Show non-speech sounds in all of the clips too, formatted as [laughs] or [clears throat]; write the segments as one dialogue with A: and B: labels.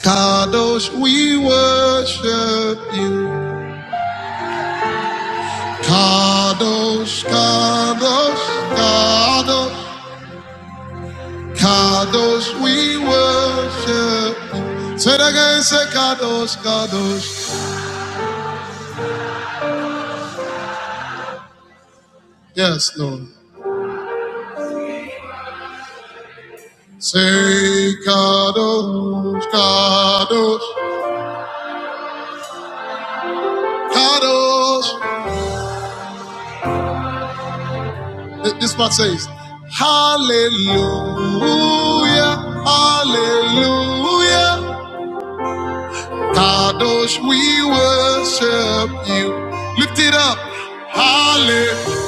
A: Kadosh, we worship you. Kadosh, Kadosh, Kadosh, Kadosh, we worship you. Say it again, say Kadosh, Kadosh. Yes, Lord. Say Kadosh, Kadosh, Kadosh. This part says, Hallelujah, Hallelujah. Kadosh, we worship you. Lift it up. Hallelujah.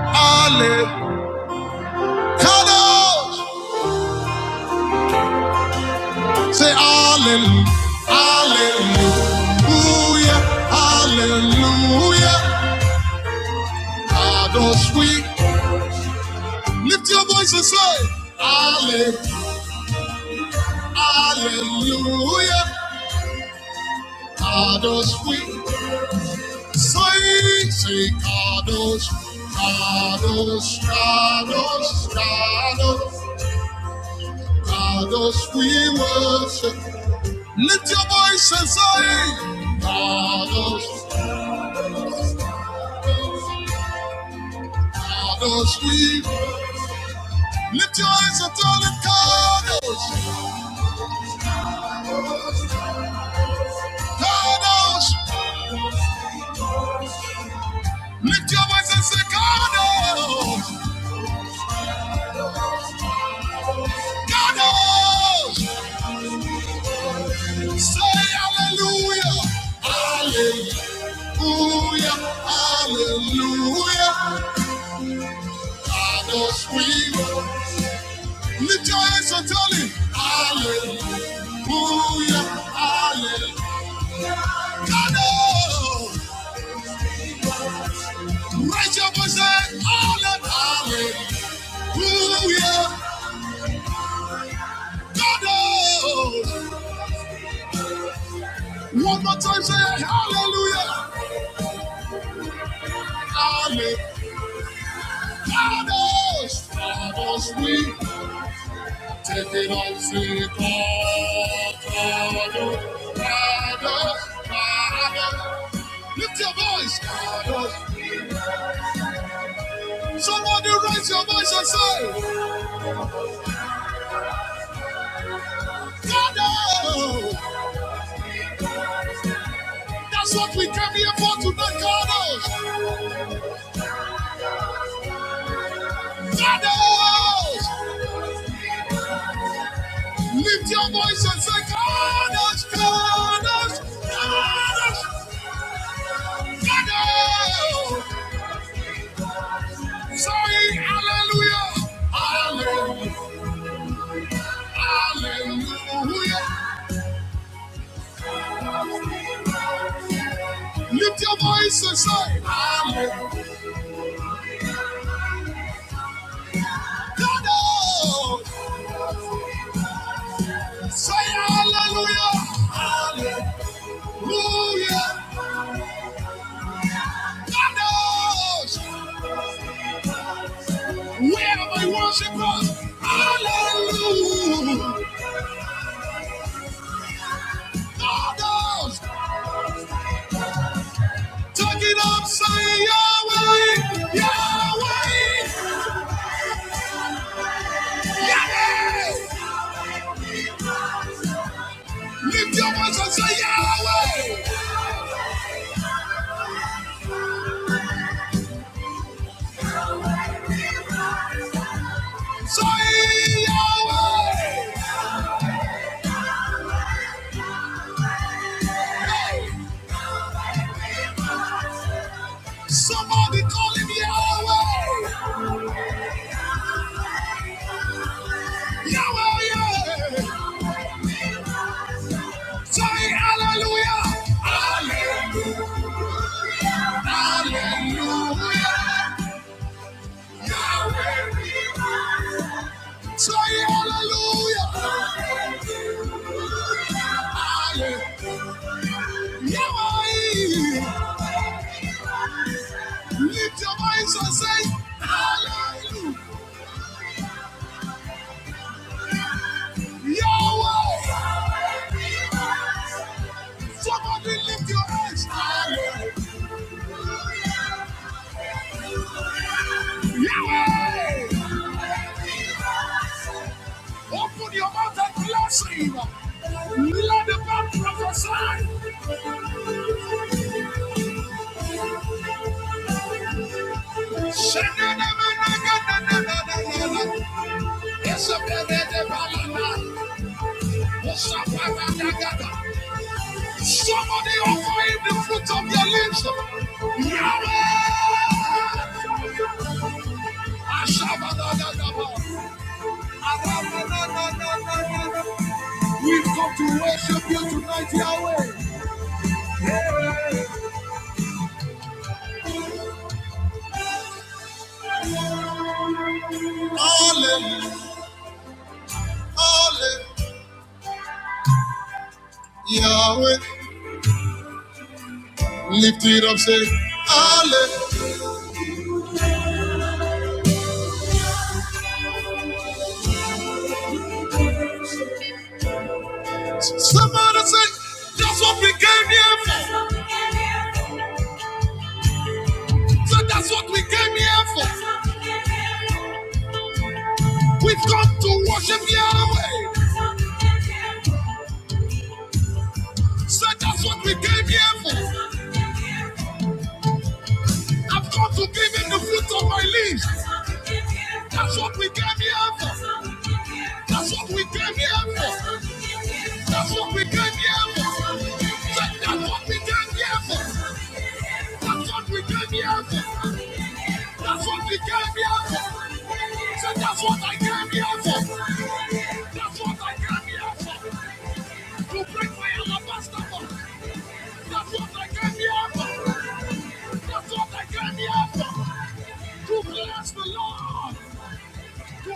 A: Hallelujah. Kadosh, say hallelujah. Hallelujah. Hallelujah. Kadosh, we lift your voice and say hallelujah. Hallelujah. Kadosh, we say, say Kadosh. Kadosh, Kadosh, Kadosh. Kadosh, we worship. Lift your voice and say, Kadosh, Kadosh, we. Lift your eyes and tell it, Kadosh, Kadosh. Lift your voice and say, Kadosh, Kadosh. Say hallelujah, hallelujah, hallelujah. Kadosh, we. Lift your eyes and tell it, hallelujah, hallelujah. God, oh, raise your voice and holler, hallelujah. God, oh, one more time, say hallelujah, hallelujah. God, oh, God, oh, we take it all to God, oh, God, oh, God, oh. Lift your voice, God, oh. Somebody raise your voice and say, God, oh, that's what we came here for tonight, God, oh. Kadosh! Lift your voice and say, Kadosh, Kadosh, Kadosh, Kadosh! Say, Hallelujah, Hallelujah, Hallelujah! Lift your voice and say, Hallelujah, Kadosh! Say, Hallelujah, Hallelujah, Kadosh! Wherever you worship us, Hallelujah, Kadosh! Tuck it up, say Yahweh, Yahweh, Yahweh. Lift your voice and say Yahweh. Soy Yahweh. Hey, Somebody call him Yahweh. Yahweh, Yahweh. Say hallelujah. Hallelujah. Hallelujah. Yahweh, we worship. Say hallelujah. Hallelujah. Yahweh. Lift your voice and say, Hallelujah. Yahweh. Somebody lift your hands. Hallelujah. Yahweh. Open your mouth and bless him. Let the man prophesy. Somebody offer him the fruit of your lips. Yahweh! We've come to worship you tonight, Yahweh. Hallelujah, Hallelujah. Yahweh. Lift it up, say, Hallelujah. Somebody say, that's what we came here for. So that's what we came here for. We've come to worship Yahweh. So that's what we came here for. I've come to give him the fruit of my lips. That's what we came here for. That's what we came here for. That's what we came here for. That's what we came here for. That's what we came here for. That's what we came here for. So that's what I came here for. That's what I came here for. To break my alabaster box. That's what I came here for. That's what I came here for. To bless the Lord.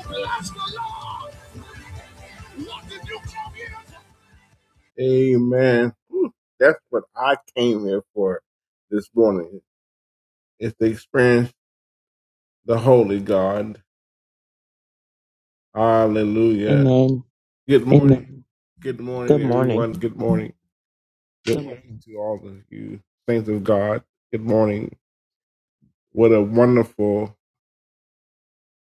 A: To bless the Lord. What did you come here for? Amen. That's what I came here for this morning. Is to experience the Holy God. Hallelujah.
B: Amen.
A: Good morning. Amen. Good morning,
B: Good morning.
A: everyone. Good morning. Good morning to all of you, saints of God. Good morning. What a wonderful.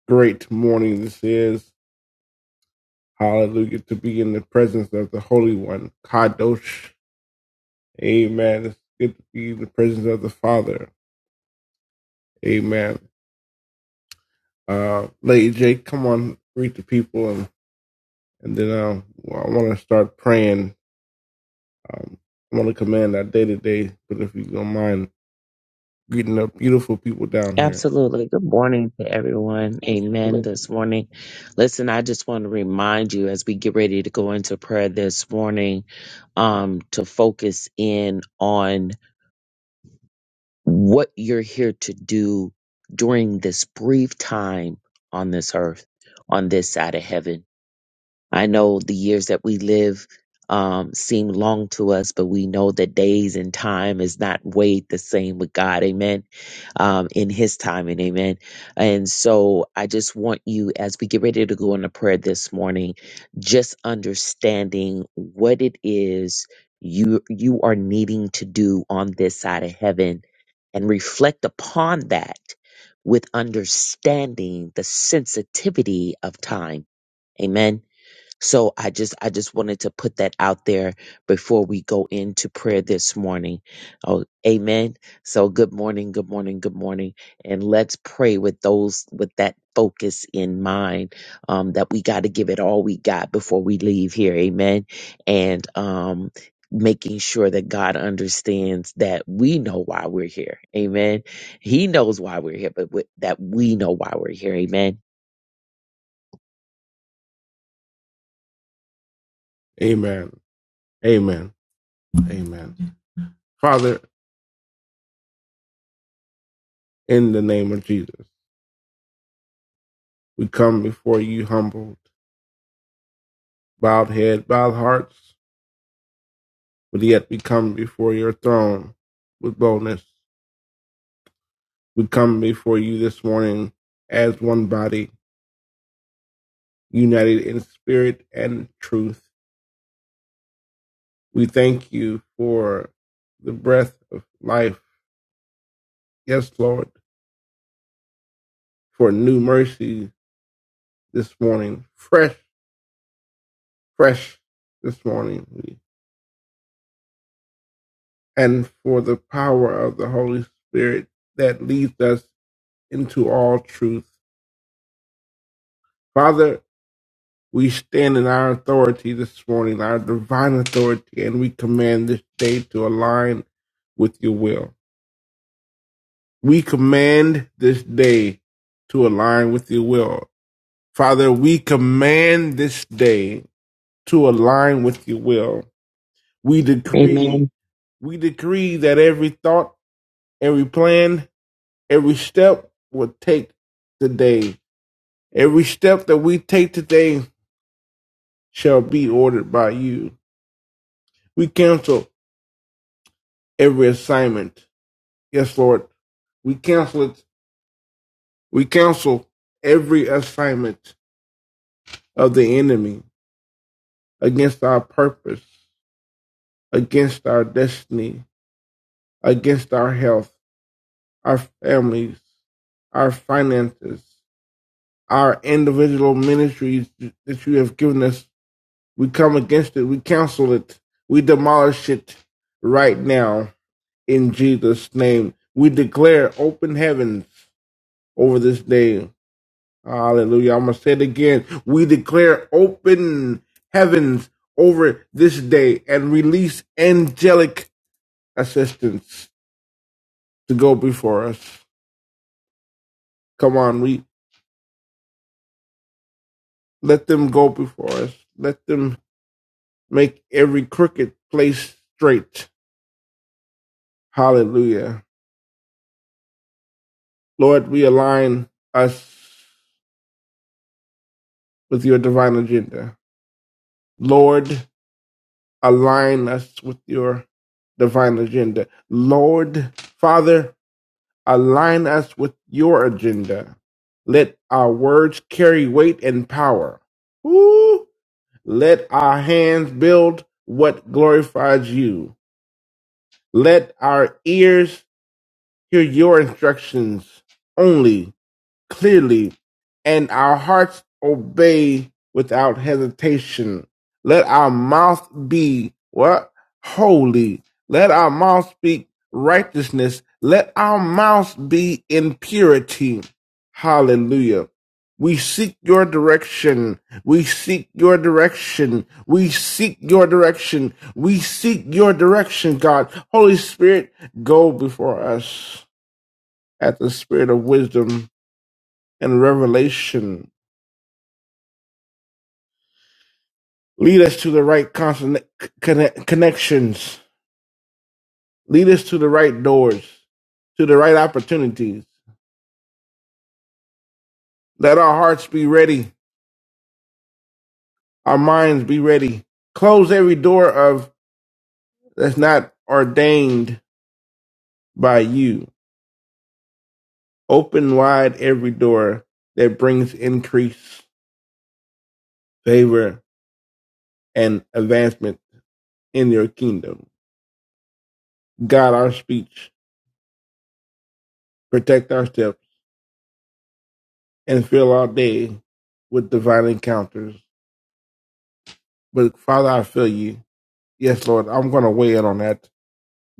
A: great morning this is. Hallelujah. To be in the presence of the Holy One. Kadosh. Amen. It's good to be in the presence of the Father. Amen. Uh, Lady Jake, come on, greet the people, and, and then uh, well, I want to start praying. Um, I want to command our day to day, but if you don't mind greeting the beautiful people down here.
B: Absolutely. Good morning to everyone. Amen. This morning. Listen, I just want to remind you as we get ready to go into prayer this morning, um, to focus in on what you're here to do during this brief time on this earth, on this side of heaven. I know the years that we live um, seem long to us, but we know that days and time is not weighed the same with God. Amen. Um, in His timing. Amen. And so I just want you, as we get ready to go into prayer this morning, just understanding what it is you you are needing to do on this side of heaven and reflect upon that with understanding the sensitivity of time. Amen so I just I just wanted to put that out there before we go into prayer this morning. Oh, amen. So good morning, good morning, good morning, and let's pray with those with that focus in mind um, that we got to give it all we got before we leave here. Amen. And um, making sure that God understands that we know why we're here. Amen. He knows why we're here, but we, that we know why we're here. Amen.
A: Amen. Amen. Amen. Father, in the name of Jesus, we come before you humbled, bowed head, bowed hearts but yet we come before your throne with boldness. We come before you this morning as one body, united in spirit and truth. We thank you for the breath of life. Yes, Lord, for new mercy this morning, fresh, fresh this morning, and for the power of the Holy Spirit that leads us into all truth. Father, We stand in our authority this morning, our divine authority, and we command this day to align with your will. We command this day to align with your will. Father, we command this day to align with your will. We decree, Amen. we decree that every thought, every plan, every step will take today. Every step that we take today shall be ordered by you. We cancel every assignment. Yes, Lord, we cancel it. We cancel every assignment of the enemy against our purpose, against our destiny, against our health, our families, our finances, our individual ministries that you have given us. We come against it. We cancel it. We demolish it right now in Jesus' name. We declare open heavens over this day Hallelujah. I'm going to say it again. We declare open heavens over this day and release angelic assistance to go before us. Come on, we let them go before us. Let them make every crooked place straight. Hallelujah. Lord, we align us with your divine agenda. Lord, align us with your divine agenda. Lord, Father, Align us with your agenda. Let our words carry weight and power. Woo! Let our hands build what glorifies you. Let our ears hear your instructions only clearly, and our hearts obey without hesitation. Let our mouth be what? Holy. Let our mouth speak righteousness. Let our mouth be in purity. Hallelujah. We seek your direction. We seek your direction. We seek your direction. We seek your direction, God. Holy Spirit, go before us at the spirit of wisdom and revelation. Lead us to the right consonant, connect, connections. Lead us to the right doors, to the right opportunities. Let our hearts be ready, our minds be ready. Close every door of that's not ordained by you. Open wide every door that brings increase, favor, and advancement in your kingdom. Guide our speech, protect our steps, and fill our day with divine encounters But Father, I feel you. Yes, Lord, I'm going to weigh in on that.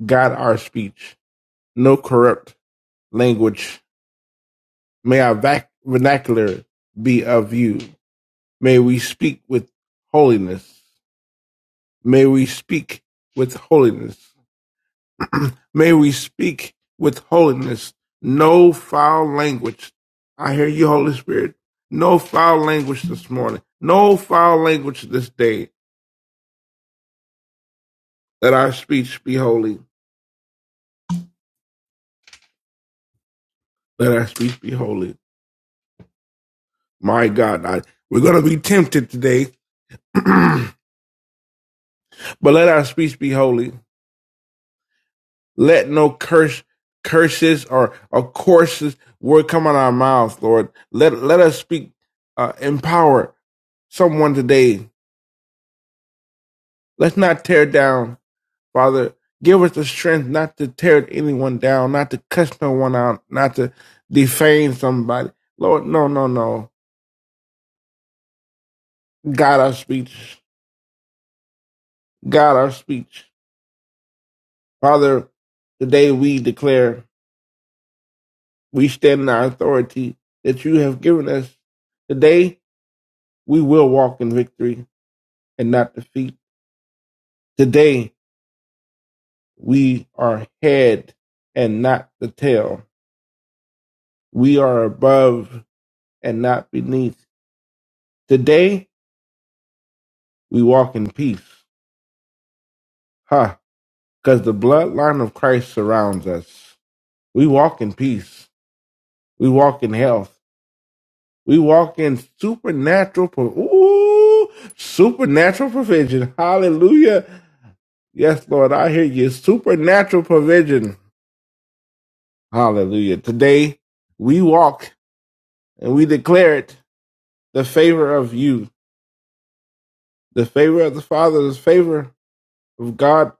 A: Guide our speech. No corrupt language. May our vac- vernacular be of you. May we speak with holiness. May we speak with holiness. May we speak with holiness. No foul language. I hear you, Holy Spirit. No foul language this morning. No foul language this day. Let our speech be holy. Let our speech be holy. My God, I, we're going to be tempted today, [clears throat] but let our speech be holy. Let no curse, curses or, or courses word come out of our mouths, Lord. Let let us speak, uh, empower someone today. Let's not tear down, Father. Give us the strength not to tear anyone down, not to cuss no one out, not to defame somebody. Lord, no, no, no. God, our speech. God, our speech. Father, today we declare. We stand in our authority that you have given us. Today, we will walk in victory and not defeat. Today, we are head and not the tail. We are above and not beneath. Today, we walk in peace. Huh. Because the bloodline of Christ surrounds us. We walk in peace. We walk in health. We walk in supernatural, pro- ooh, supernatural provision. Hallelujah. Yes, Lord, I hear you. Supernatural provision. Hallelujah. Today we walk and we declare it the favor of you, the favor of the Father, the favor of God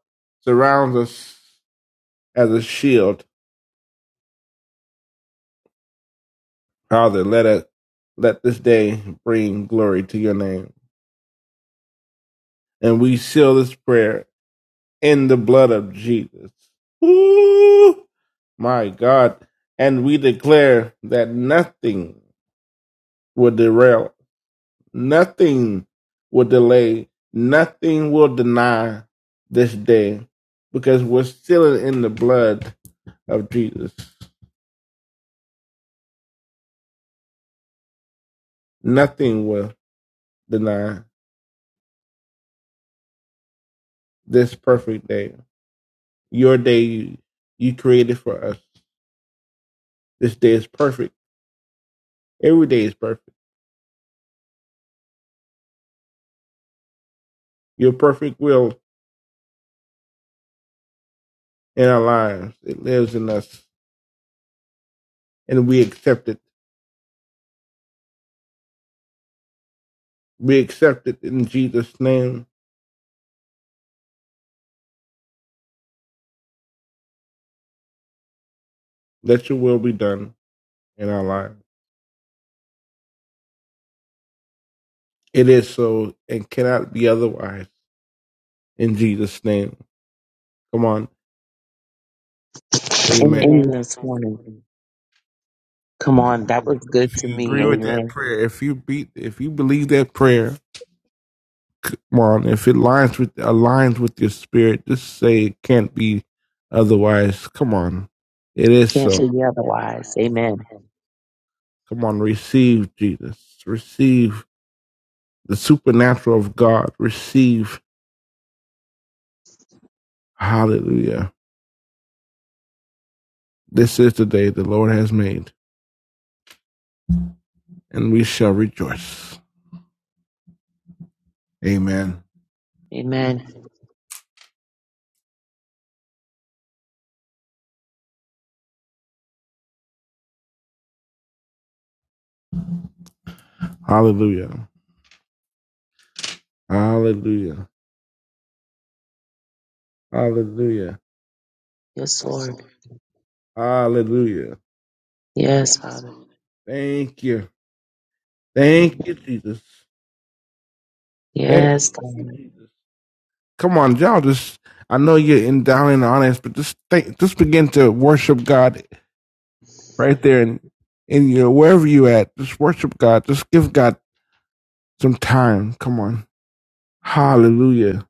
A: surrounds us as a shield. Father, let us let this day bring glory to your name. And we seal this prayer in the blood of Jesus. Ooh, my God. And we declare that nothing will derail Nothing will delay, nothing will deny this day because we're still in the blood of Jesus. Nothing will deny this perfect day. Your day you, you created for us. This day is perfect. Every day is perfect. Your perfect will in our lives. It lives in us and we accept it. We accept it in Jesus' name. Let your will be done in our lives. It is so and cannot be otherwise. in Jesus' name. Come on, Amen.
B: Amen. This morning. Come on, that was good
A: If
B: to
A: you
B: me. Amen.
A: prayer, if you beat, if you believe that prayer, come on. If it aligns with aligns with your spirit, just say it can't be otherwise. Come on, it is so.
B: Can't be otherwise. Amen.
A: Come on, receive Jesus, receive the supernatural of God, receive. Hallelujah. This is the day the Lord has made, and we shall rejoice. Amen.
B: Amen.
A: Hallelujah. Hallelujah. Hallelujah.
B: Yes, Lord.
A: Hallelujah.
B: Yes, Father.
A: Thank you. Thank you, Jesus. Thank
B: Yes,
A: you,
B: God.
A: Jesus. Come on, y'all. Just I know you're in down in the audience, but just think, just begin to worship God right there and in in your wherever you at. Just worship God. Just give God some time. Come on. Hallelujah.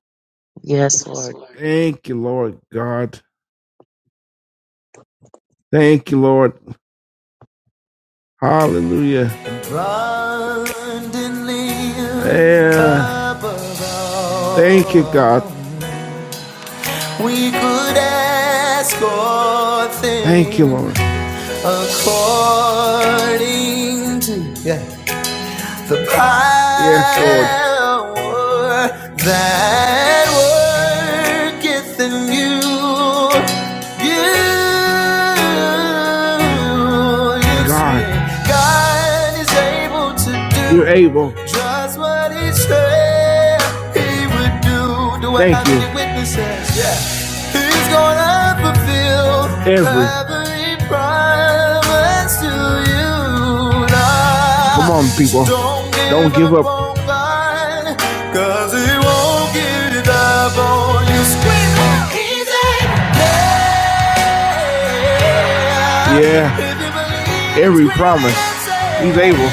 B: Yes, Lord.
A: Thank you, Lord God. Thank you, Lord. Hallelujah. Abundantly Yeah. Thank you, God. We could ask all things. Thank you, Lord. according to yeah, the Yes, Lord. that worketh in you. You, you God, God is able to do. you're able. just what He said He would do. Do Thank have you. witnesses? Yeah. Who's gonna fulfill Every. promise to you? Come on, people. Don't give do up cause He won't give up on you. Scream out, easy. Yeah. Yeah. Every promise, he's able.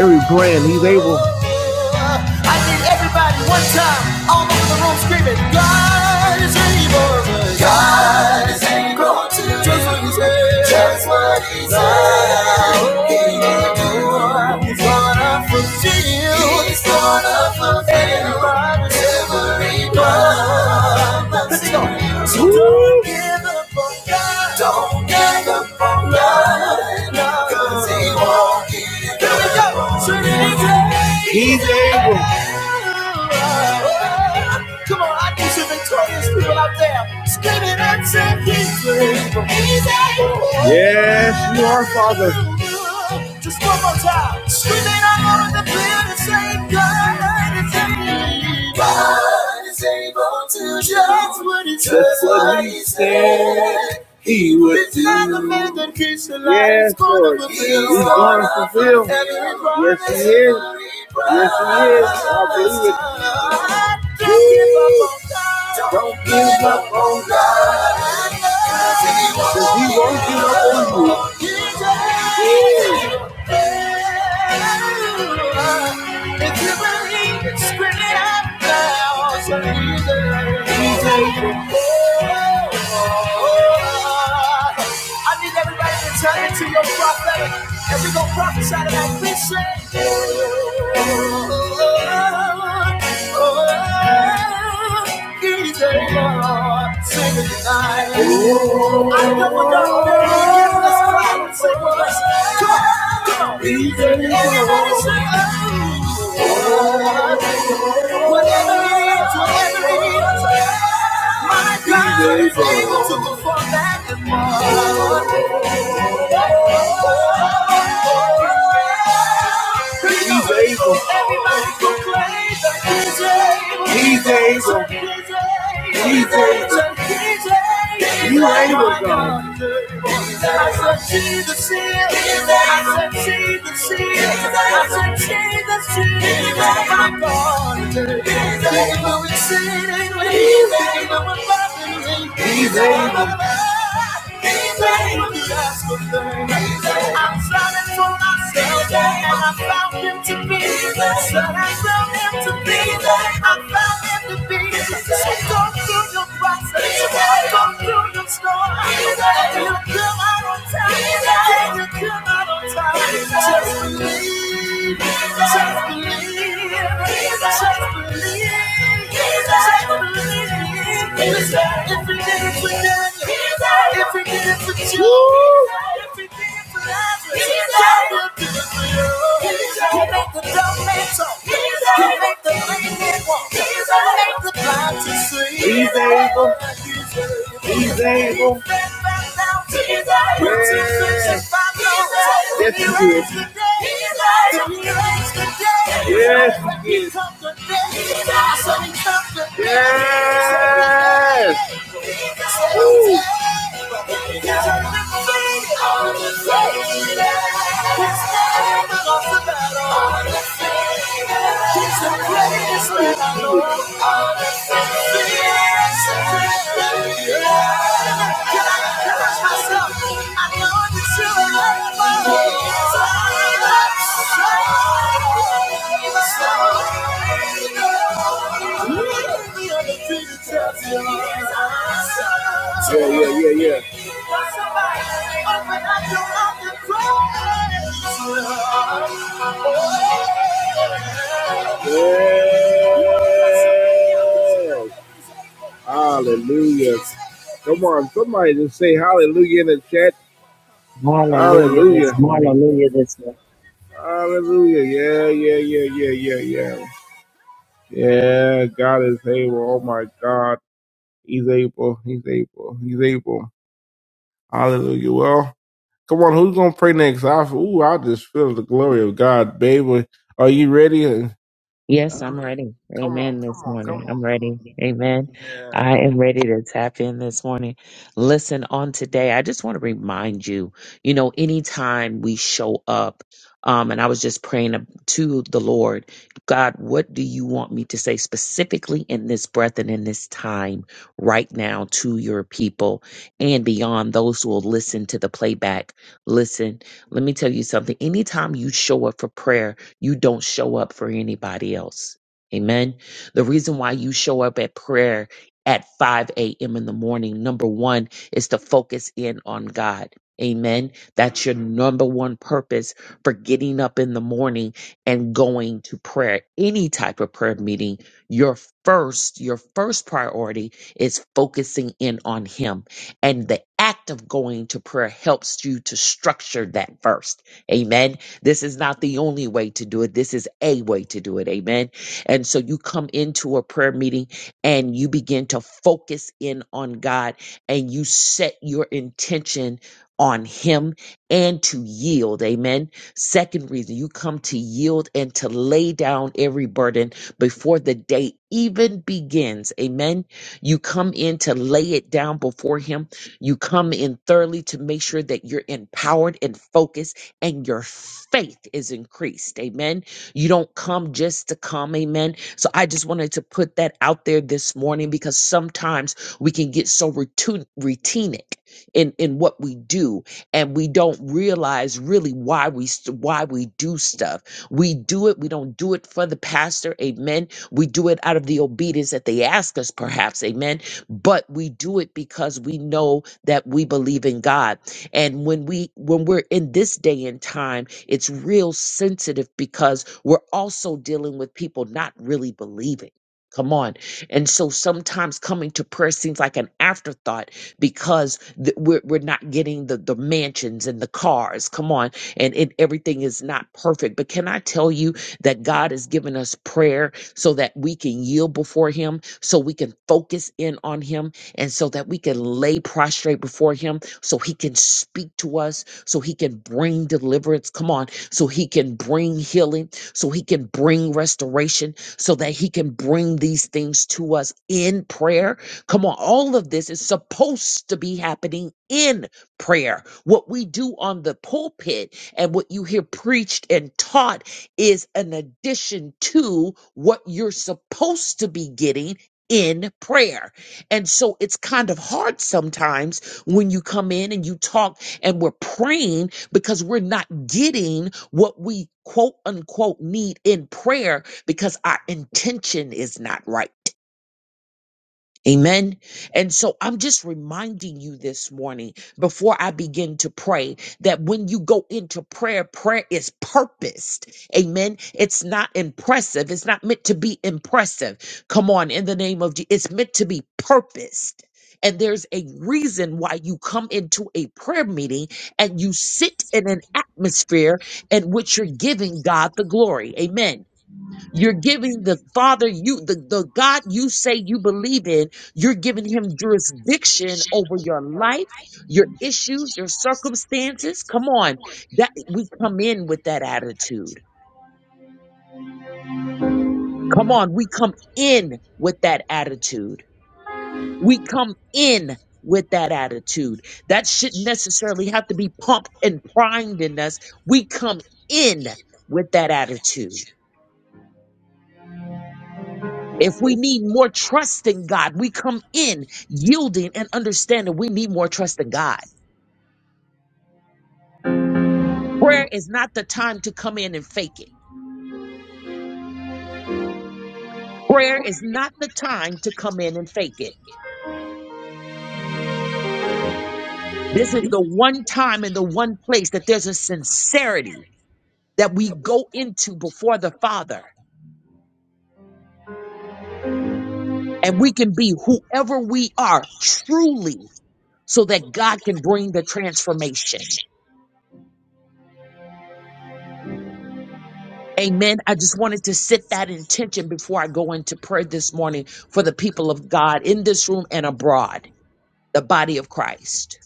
A: Every plan, he's able. I need everybody one time, all over the room screaming, God is able. God is able to do just what he said. Just what he said. He will do. He's gonna fulfill. He's gonna fulfill every promise. Every promise. Let's go. Don't give up, don't give up on God, no, 'cause he won't give up. So he's able. Come on, I need some victorious people out there. Scream and say he's able. Yes, you are, Father. Just one more time. Just what he said. That's what he said he would It's do. not the man that keeps the light. Yes, Lord. He's going to fulfill. Yes, he is. Yes, he is. I believe it. Don't give up on God, because he won't give up on you. If you believe it, scream it out loud. So he's a- he's a- I need everybody to turn into your prophetic, and we gonna prophesy to that vision. He's Sing it tonight. I know we're gonna be in this crowd. Sing with us. Come on. He's able. He's able. You able, God. I said, Jesus is. I said, Jesus is. I said, Jesus is. He's I'm drowning for myself, yeah, and I found him to be. So I found him to be. I found him to be. So go through your process, go through your storm. You'll come out on time? and you'll come out on time? Just believe. He's He's able. He's able. Yes. Yes, he is. Yes, he is. Yes. Woo. He's the greatest man I know. Yes. Hallelujah. Come on, somebody just say hallelujah in the chat.
B: Hallelujah this
A: Hallelujah.
B: morning.
A: Hallelujah. Yeah, yeah, yeah, yeah, yeah, yeah. Yeah, God is able. Oh my God. He's able. He's able. He's able. Hallelujah. Well, come on, who's gonna pray next? I ooh, I just feel the glory of God, baby. Are you ready? Come
B: Yes, I'm ready.
A: on,
B: Amen
A: come
B: this
A: on, come
B: morning.
A: on.
B: I'm ready. Amen. I am ready to tap in this morning. Listen, on today, I just want to remind you, you know, anytime we show up, um, and I was just praying to the Lord, God, what do you want me to say specifically in this breath and in this time right now to your people and beyond those who will listen to the playback? Listen, let me tell you something. Anytime you show up for prayer, you don't show up for anybody else. Amen. The reason why you show up at prayer at 5 a.m. in the morning, number one, is to focus in on God. Amen. That's your number one purpose for getting up in the morning and going to prayer. Any type of prayer meeting, your first, your first priority is focusing in on Him. And the act of going to prayer helps you to structure that first. Amen this is not the only way to do it. This is a way to do it. Amen. And so you come into a prayer meeting and you begin to focus in on God and you set your intention on him and to yield amen second reason you come to yield and to lay down every burden before the day even begins amen you come in to lay it down before him you come in thoroughly to make sure that you're empowered and focused and your faith is increased. Amen. You don't come just to come. Amen. So I just wanted to put that out there this morning because sometimes we can get so routine, routinic in, in what we do and we don't realize really why we st- why we do stuff. We do it. We don't do it for the pastor. Amen. We do it out of the obedience that they ask us perhaps. Amen. But we do it because we know that we believe in God and when we when we're in this day and time, it's real sensitive because we're also dealing with people not really believing. Come on. And so sometimes coming to prayer seems like an afterthought because th- we're, we're not getting the, the mansions and the cars. Come on. And it, everything is not perfect. But can I tell you that God has given us prayer so that we can yield before Him, so we can focus in on Him, and so that we can lay prostrate before Him so he can speak to us, so he can bring deliverance. Come on, so he can bring healing, so he can bring restoration, so that he can bring these things to us in prayer. Come on, all of this is supposed to be happening in prayer. What we do on the pulpit and what you hear preached and taught is an addition to what you're supposed to be getting in prayer. And so it's kind of hard sometimes when you come in and you talk and we're praying because we're not getting what we quote unquote need in prayer because our intention is not right. Amen. And so I'm just reminding you this morning before I begin to pray that when you go into prayer, prayer is purposed. Amen. It's not impressive. It's not meant to be impressive. Come on, in the name of Jesus. It's meant to be purposed. And there's a reason why you come into a prayer meeting and you sit in an atmosphere in which you're giving God the glory. Amen. You're giving the Father you the, the God you say you believe in, you're giving him jurisdiction over your life, your issues, your circumstances. Come on. That we come in with that attitude. Come on, we come in with that attitude. We come in with that attitude. That shouldn't necessarily have to be pumped and primed in us. We come in with that attitude. If we need more trust in God, we come in yielding and understanding we need more trust in God. Prayer is not the time to come in and fake it. Prayer is not the time to come in and fake it. This is the one time and the one place that there's a sincerity that we go into before the Father and we can be whoever we are truly so that God can bring the transformation. Amen. I just wanted to set that intention before I go into prayer this morning for the people of God in this room and abroad, the body of Christ.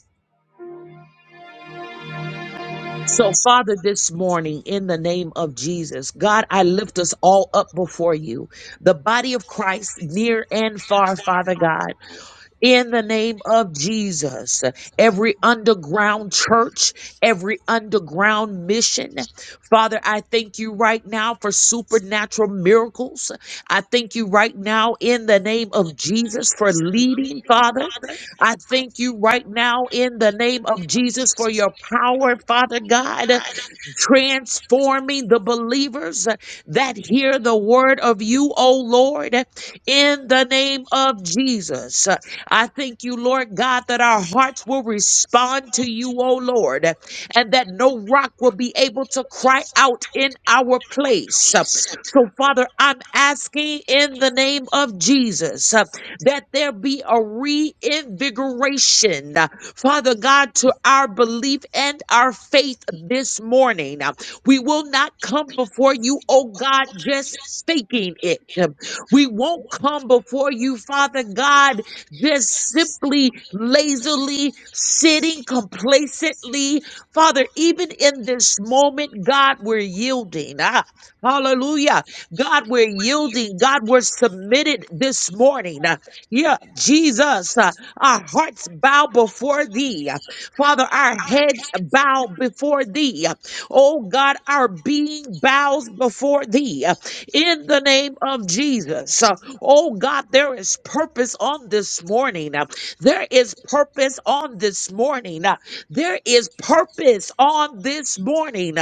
B: So, Father, this morning, in the name of Jesus, God, I lift us all up before you, the body of Christ, near and far, Father God. in the name of Jesus. Every underground church, every underground mission. Father, I thank you right now for supernatural miracles. I thank you right now in the name of Jesus for leading, Father. I thank you right now in the name of Jesus for your power, Father God transforming the believers uh, that hear the word of you, O Lord, uh, in the name of Jesus. Uh, I thank you, Lord God, that our hearts will respond to you, O Lord, uh, and that no rock will be able to cry out in our place. Uh, So, Father, I'm asking in the name of Jesus uh, that there be a reinvigoration Father God, to our belief and our faith this morning. Uh, We will not come before you, oh God, just faking it. Um, We won't come before you, Father God, just simply lazily sitting complacently. Father, even in this moment, God, we're yielding. Ah, hallelujah. God, we're yielding. God, we're submitted this morning. Uh, Yeah, Jesus. Ah, our hearts bow before thee. Father, our heads bow before thee. Oh God, our being bows before thee in the name of Jesus. Oh God, there is purpose on this morning. There is purpose on this morning. There is purpose on this morning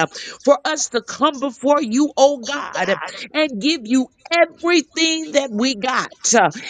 B: for us to come before you, oh God, and give you everything that we got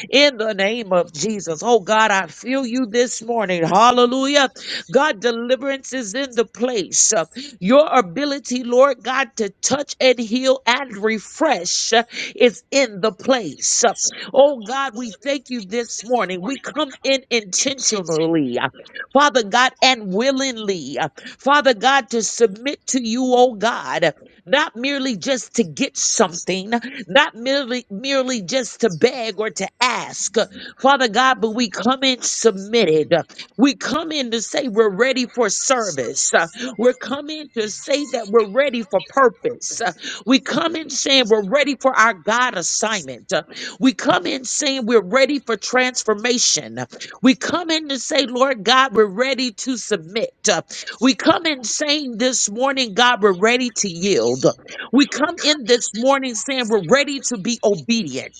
B: in the name of Jesus. Oh God, I feel you this morning. Hallelujah. God, deliverance is in the place. Uh, Your ability, Lord God, to touch and heal and refresh uh, is in the place. Uh, Oh God, we thank you this morning. We come in intentionally, uh, Father God, and willingly, uh, Father God, to submit to you, oh God, not merely just to get something, not merely merely just to beg or to ask, Father God, but we come in submitted. We come in to say we're ready for service. Uh, We're coming to say that we're ready for purpose. Uh, We come in saying we're ready for our God assignment. Uh, We come in saying we're ready for transformation. Uh, We come in to say, Lord God, we're ready to submit. Uh, We come in saying this morning, God, we're ready to yield. We come in this morning saying we're ready to be obedient.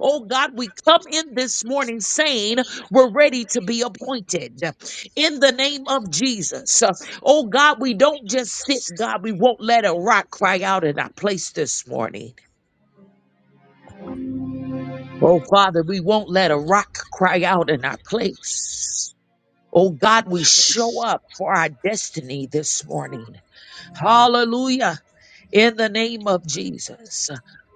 B: Oh God, we come in this morning saying we're ready to be appointed in the name of Jesus. Oh God, we don't just sit, God, we won't let a rock cry out in our place this morning. Oh Father, we won't let a rock cry out in our place. Oh God, we show up for our destiny this morning. Hallelujah. in the name of Jesus.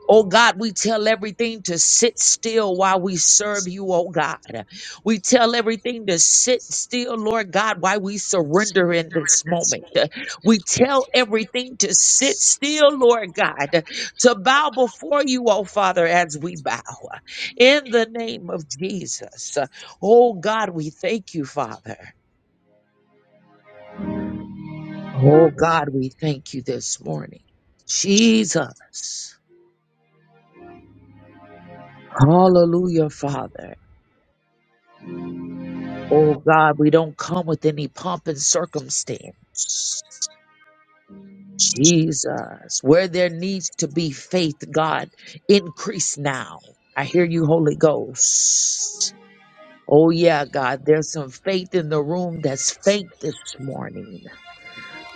B: Oh God, we tell everything to sit still while we serve you, oh God. We tell everything to sit still, Lord God, while we surrender in this moment. We tell everything to sit still, Lord God, to bow before you, oh Father, as we bow. In the name of Jesus. Oh God, we thank you, Father. Oh God, we thank you this morning. Jesus. Hallelujah, Father. Oh God, we don't come with any pomp and circumstance. Jesus, where there needs to be faith, God, increase now. I hear you, Holy Ghost. Oh yeah, God, there's some faith in the room that's faint this morning.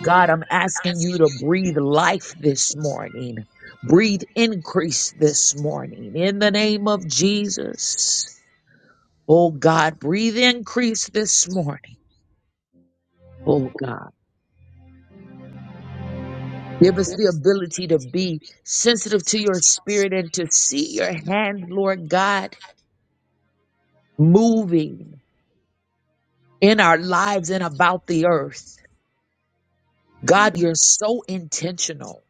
B: God, I'm asking you to breathe life this morning. Breathe increase this morning in the name of Jesus. Oh God, breathe increase this morning. Oh God, give us the ability to be sensitive to your spirit and to see your hand, Lord God, moving in our lives and about the earth. God, you're so intentional.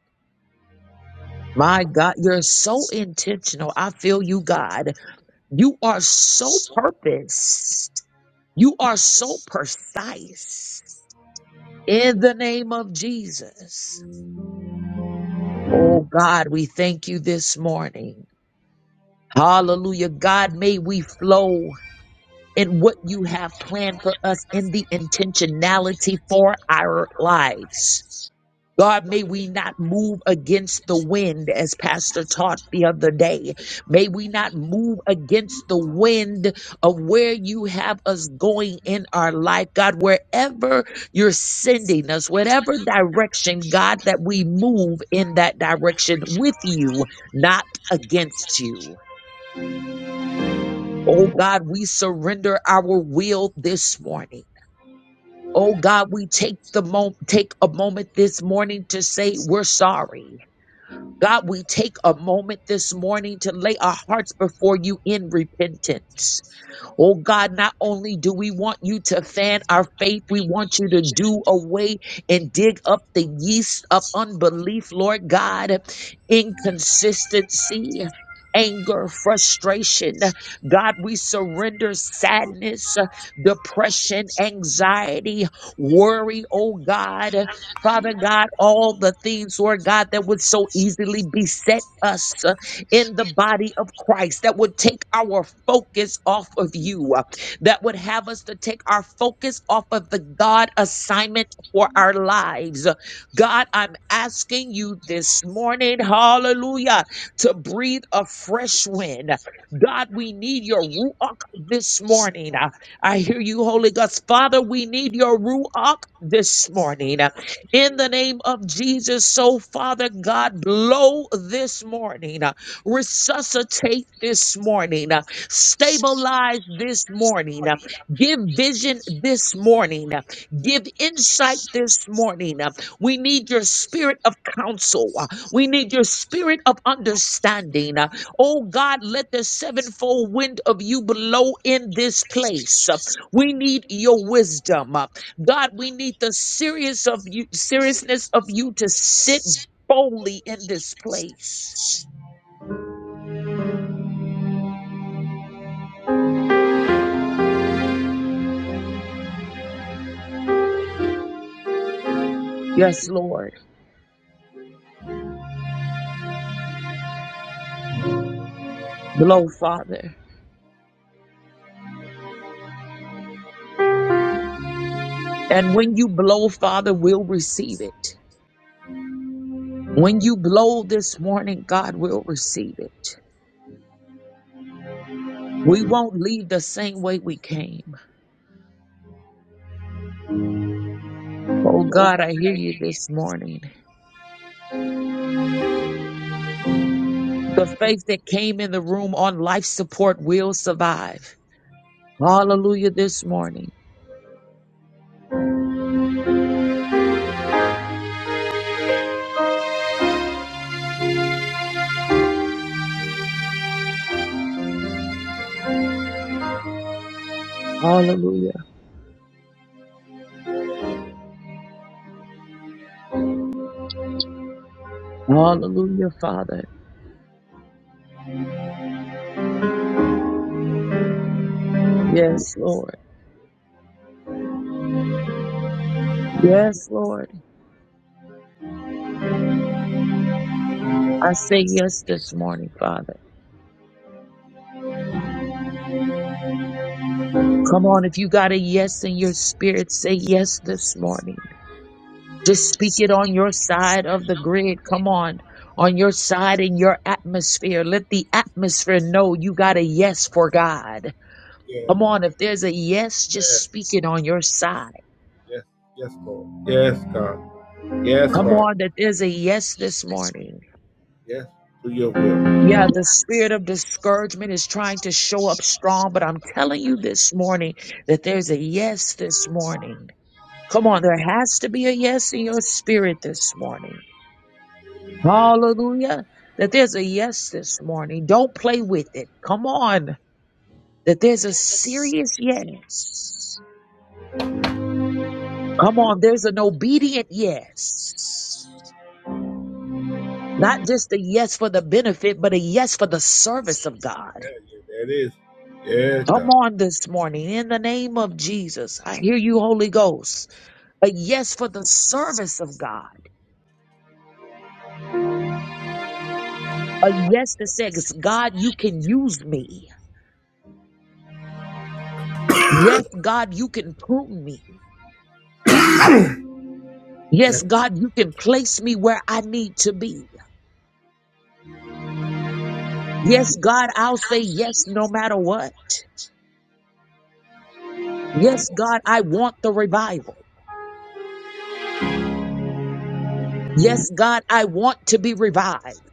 B: My God, you're so intentional. I feel you, God. You are so purposed. You are so precise in the name of Jesus. Oh God, we thank you this morning. Hallelujah. God, may we flow in what you have planned for us in the intentionality for our lives. God, may we not move against the wind as Pastor taught the other day. May we not move against the wind of where you have us going in our life. God, wherever you're sending us, whatever direction, God, that we move in that direction with you, not against you. Oh God, we surrender our will this morning. Oh God, we take the mo- take a moment this morning to say we're sorry. God, we take a moment this morning to lay our hearts before you in repentance. Oh God, not only do we want you to fan our faith, we want you to do away and dig up the yeast of unbelief, Lord God, inconsistency. Anger, frustration. God, we surrender sadness, depression, anxiety, worry, oh God. Father God, all the things, Lord God, that would so easily beset us in the body of Christ that would take our focus off of you, uh, that would have us to take our focus off of the God assignment for our lives. God, I'm asking you this morning, hallelujah, to breathe a fresh wind. God, we need your Ruach this morning. Uh, I hear you, Holy Ghost. Father, we need your Ruach this morning. Uh, In the name of Jesus, so Father God, blow this morning. Resuscitate this morning. uh, Stabilize this morning. uh, Give vision this morning. uh, Give insight this morning. uh, We need your spirit of counsel. uh, We need your spirit of understanding. uh, Oh God, let the sevenfold wind of you blow in this place. uh, We need your wisdom. uh, God, we need the serious of you, seriousness of you to sit boldly in this place. Yes, Lord. Blow, Father. And when you blow, Father, we'll receive it. When you blow this morning, God will receive it. We won't leave the same way we came. Oh God, I hear you this morning. The faith that came in the room on life support will survive. Hallelujah this morning. Hallelujah. Hallelujah, Father. Yes, Lord. Yes, Lord. I say yes this morning, Father. Come on, if you got a yes in your spirit, say yes this morning. Just speak it on your side of the grid. Come on, on your side in your atmosphere. Let the atmosphere know you got a yes for God.
A: Yeah,
B: Come on, if there's a yes, just
A: yes,
B: speak it on your side.
A: yes, yes, Lord. Yes, God. Yes,
B: Come
A: God.
B: on, that there's a yes this morning.
A: Yes, to your will. Yeah,
B: Yeah, the spirit of discouragement is trying to show up strong, but I'm telling you this morning that there's a yes this morning. Come on, there has to be a yes in your spirit this morning. Hallelujah. That there's a yes this morning. Don't play with it. Come on. That there's a serious yes. Come on, there's an obedient yes. Not just a yes for the benefit, but a yes for the service of God.
A: yeah, that is. Yes, God.
B: Come on this morning in the name of Jesus. I hear you, Holy Ghost. A yes for the service of God. A yes that says, God, you can use me. Yes, God, you can prune me. Yes, God, you can place me where I need to be. Yes, God, I'll say yes no matter what. Yes, God, I want the revival. Yes, God, I want to be revived.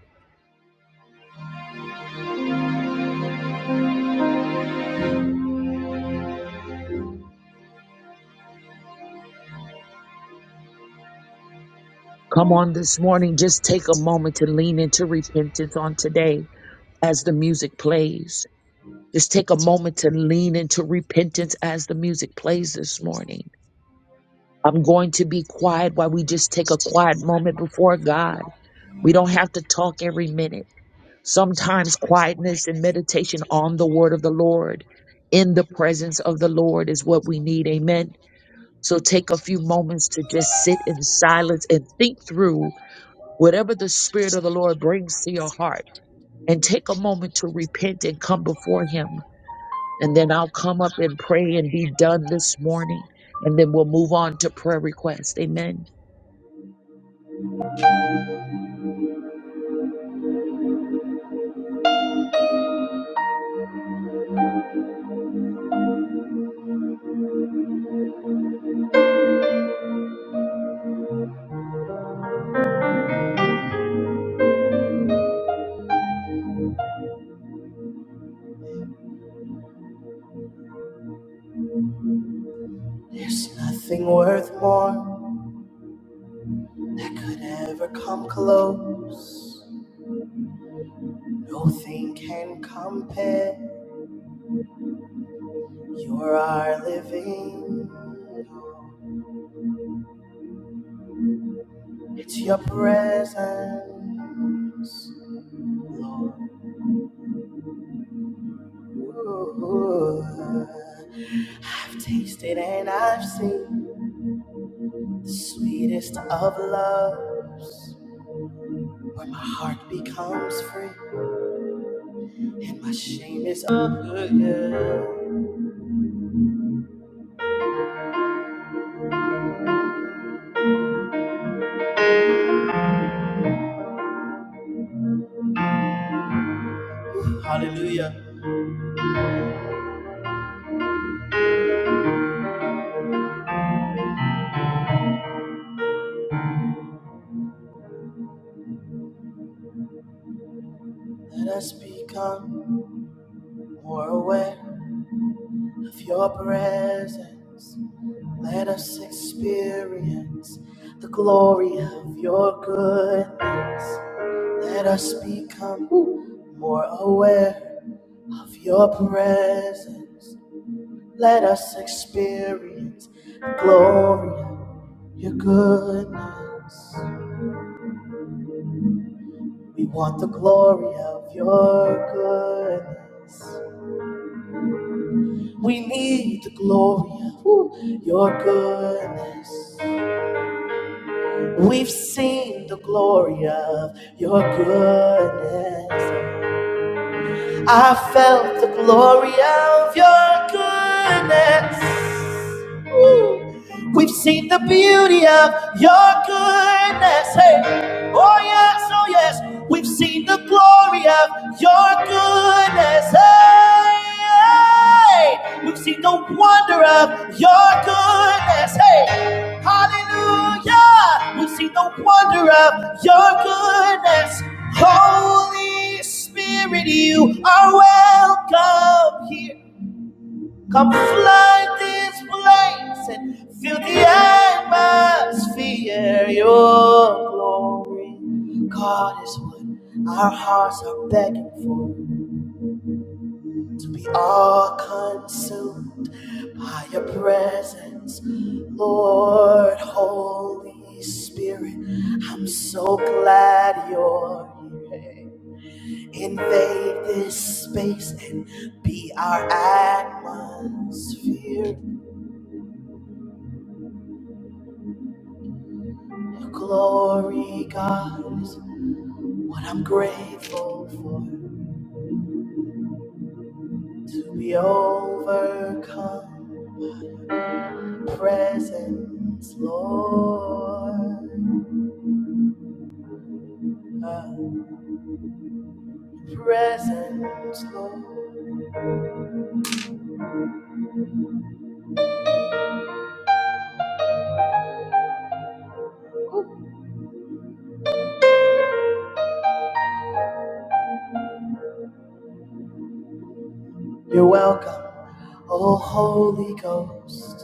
B: Come on this morning. Just take a moment to lean into repentance on today as the music plays. Just take a moment to lean into repentance as the music plays this morning. I'm going to be quiet while we just take a quiet moment before God. We don't have to talk every minute. Sometimes quietness and meditation on the word of the Lord in the presence of the Lord is what we need. Amen. So take a few moments to just sit in silence and think through whatever the Spirit of the Lord brings to your heart. And take a moment to repent and come before Him. And then I'll come up and pray and be done this morning. And then we'll move on to prayer requests. Amen.
A: There's nothing worth more that could ever come close. Nothing can compare. You're our living. hope. It's your presence, Lord. Ooh, I've tasted and I've seen the sweetest of loves, where my heart becomes free and my shame is over. Hallelujah. Let us become more aware of your presence. Let us experience the glory of your goodness. Let us become more aware of your presence. Let us experience the glory of your goodness. We want the glory of your goodness. We need the glory of your goodness. We've seen the glory of your goodness. I felt the glory of your goodness. Ooh. We've seen the beauty of your goodness. Hey. Oh, yes, oh, yes, we've seen the glory of your goodness. Hey, hey. we've seen the wonder of your goodness. Hey, hallelujah, we've seen the wonder of your goodness. Holy Spirit, you are welcome here. Come fly this place and feel the atmosphere. Your glory, God, is what our hearts are begging for. To be all consumed by your presence, Lord, Holy Spirit. I'm so glad you're here. Invade this space and be our atmosphere. Your glory, God, is what I'm grateful for. To be overcome by your presence, Lord. Uh, your presence, Lord. You're welcome, O Holy Ghost.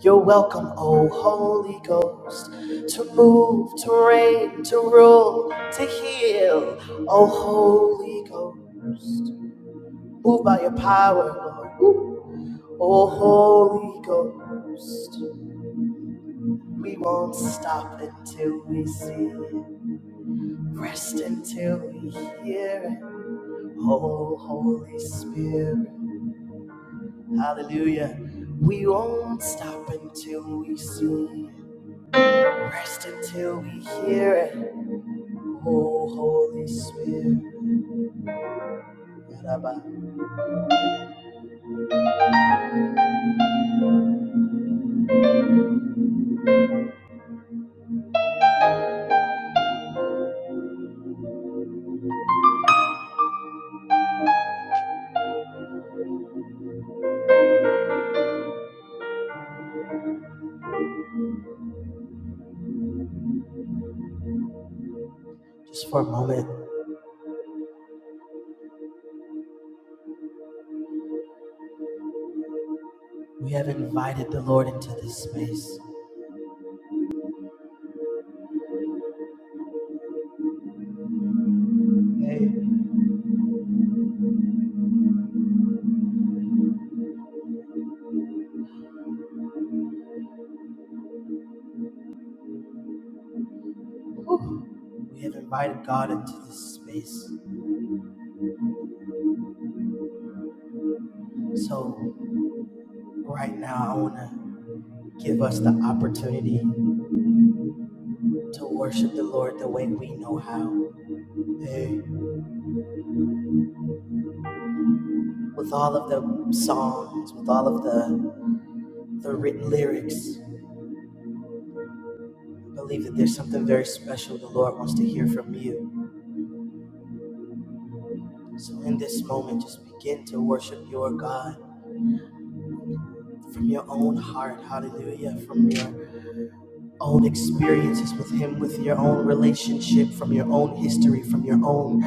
A: You're welcome, O Holy Ghost, to move, to reign, to rule, to heal, O Holy Ghost. Move by your power, Lord. Oh, Holy Ghost. We won't stop until we see it. Rest until we hear it. Oh, Holy Spirit. Hallelujah. We won't stop until we see it. Rest until we hear it. Oh, Holy Spirit. Just for a moment, we have invited the Lord into this space. Hey. We have invited God into this space. So, right now, I want to give us the opportunity to worship the Lord the way we know how. Hey, with all of the songs, with all of the, the written lyrics, I believe that there's something very special the Lord wants to hear from you. So, in this moment, just begin to worship your God from your own heart. Hallelujah. From your own experiences with Him, with your own relationship, from your own history, from your own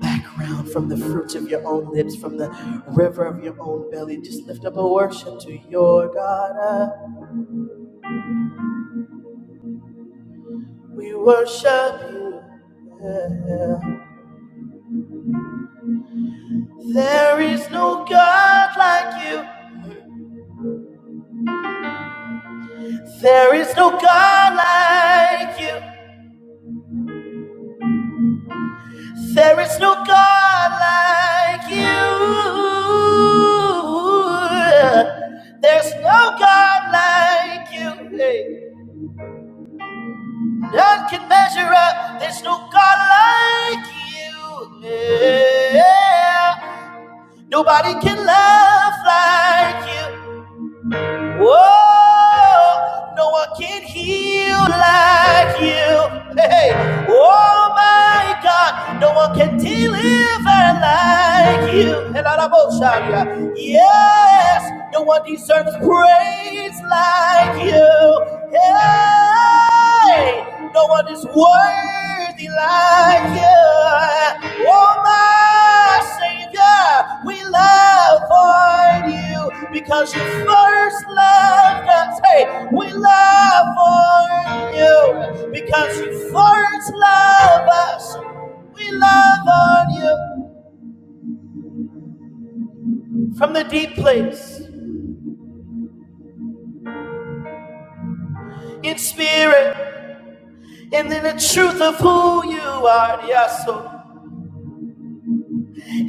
A: background, from the fruits of your own lips, from the river of your own belly. Just lift up a worship to your God. Uh, We worship you. Yeah. There is no God like you. There is no God like you. There is no God like you. There's no God like you. Hey, none can measure up. There's no God like you. Yeah. Nobody can love like you. Whoa, no one can heal like you. Hey, hey. oh my God, no one can deliver like you. Elaraboshaya. Yes, no one deserves praise like you. Yeah. No one is worthy like you. Oh, my Savior, we love for you because you first loved us. Hey, we love for you because you first love us. We love on you from the deep place in spirit and in the truth of who you are. Yes, so.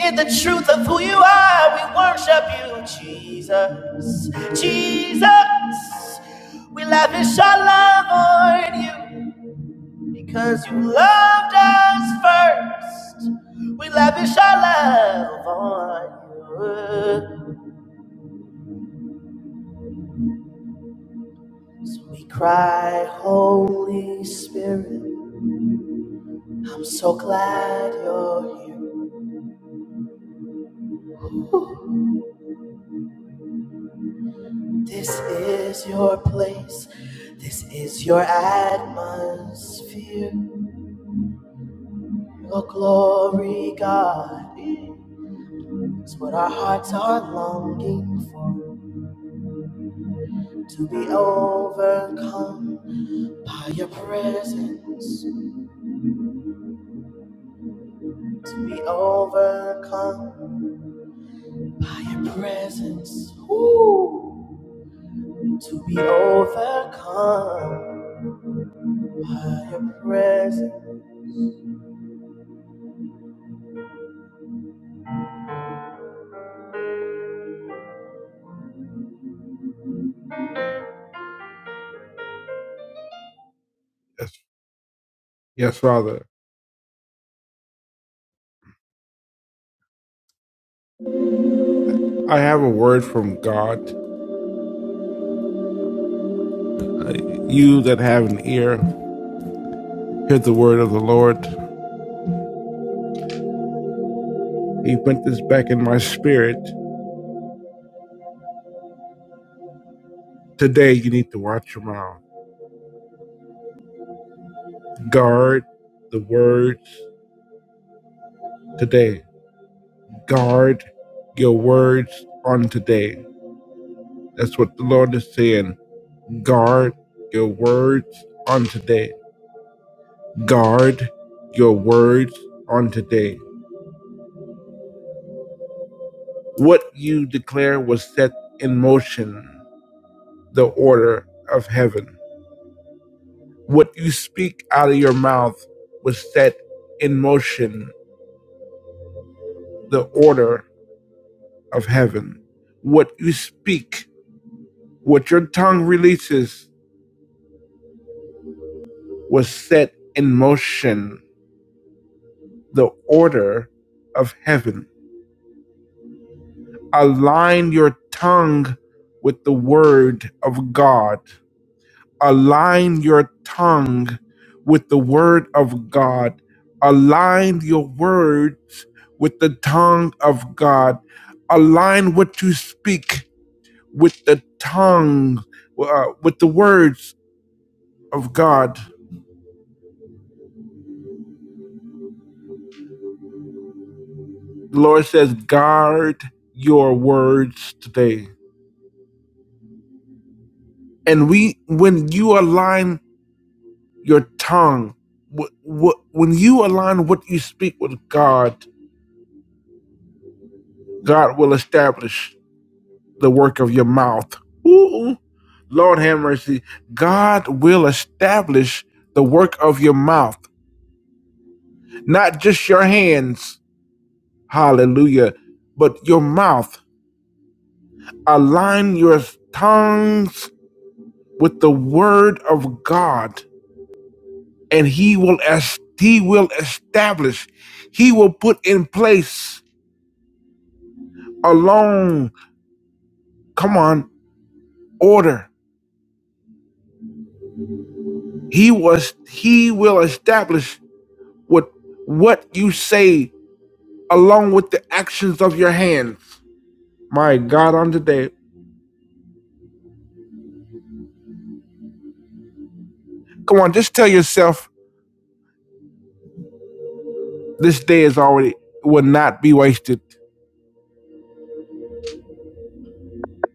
A: In the truth of who you are, we worship you, Jesus. Jesus, we lavish our love on you because you loved us first. We lavish our love on you. So we cry, Holy Spirit, I'm so glad you're here. This is your place. This is your atmosphere. Your glory, God, is what our hearts are longing for. To be overcome by your presence. To be overcome by your presence. Ooh. To be overcome by your presence. Yes, yes, Father. I have a word from God. You that have an ear, hear the word of the Lord. He put this back in my spirit Today, you need to watch your mouth. Guard the words today. Guard your words on today. That's what the Lord is saying. Guard your words on today. Guard your words on today. What you declare was set in motion, the order of heaven. What you speak out of your mouth was set in motion, the order of heaven. What you speak What your tongue releases was set in motion, the order of heaven. Align your tongue with the word of God. Align your tongue with the word of God. Align your words with the tongue of God. Align what you speak with the tongue, uh, with the words of God. The Lord says, guard your words today. And we, when you align your tongue, wh- wh- when you align what you speak with God, God will establish the work of your mouth. Ooh, Lord have mercy. God will establish the work of your mouth, not just your hands. Hallelujah. But your mouth. Align your tongues with the word of God and he will as he will establish he will put in place alone come on order he was he will establish what what you say along with the actions of your hands my god on today come on just tell yourself this day is already will not be wasted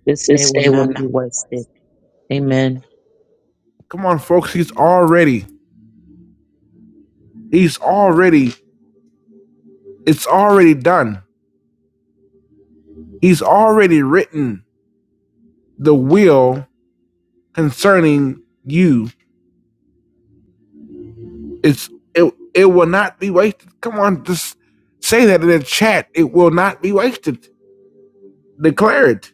B: This day will not be wasted. Amen.
A: come on folks he's already he's already it's already done he's already written the will concerning you. It's it it will not be wasted. Come on, just say that in the chat. It will not be wasted. Declare it.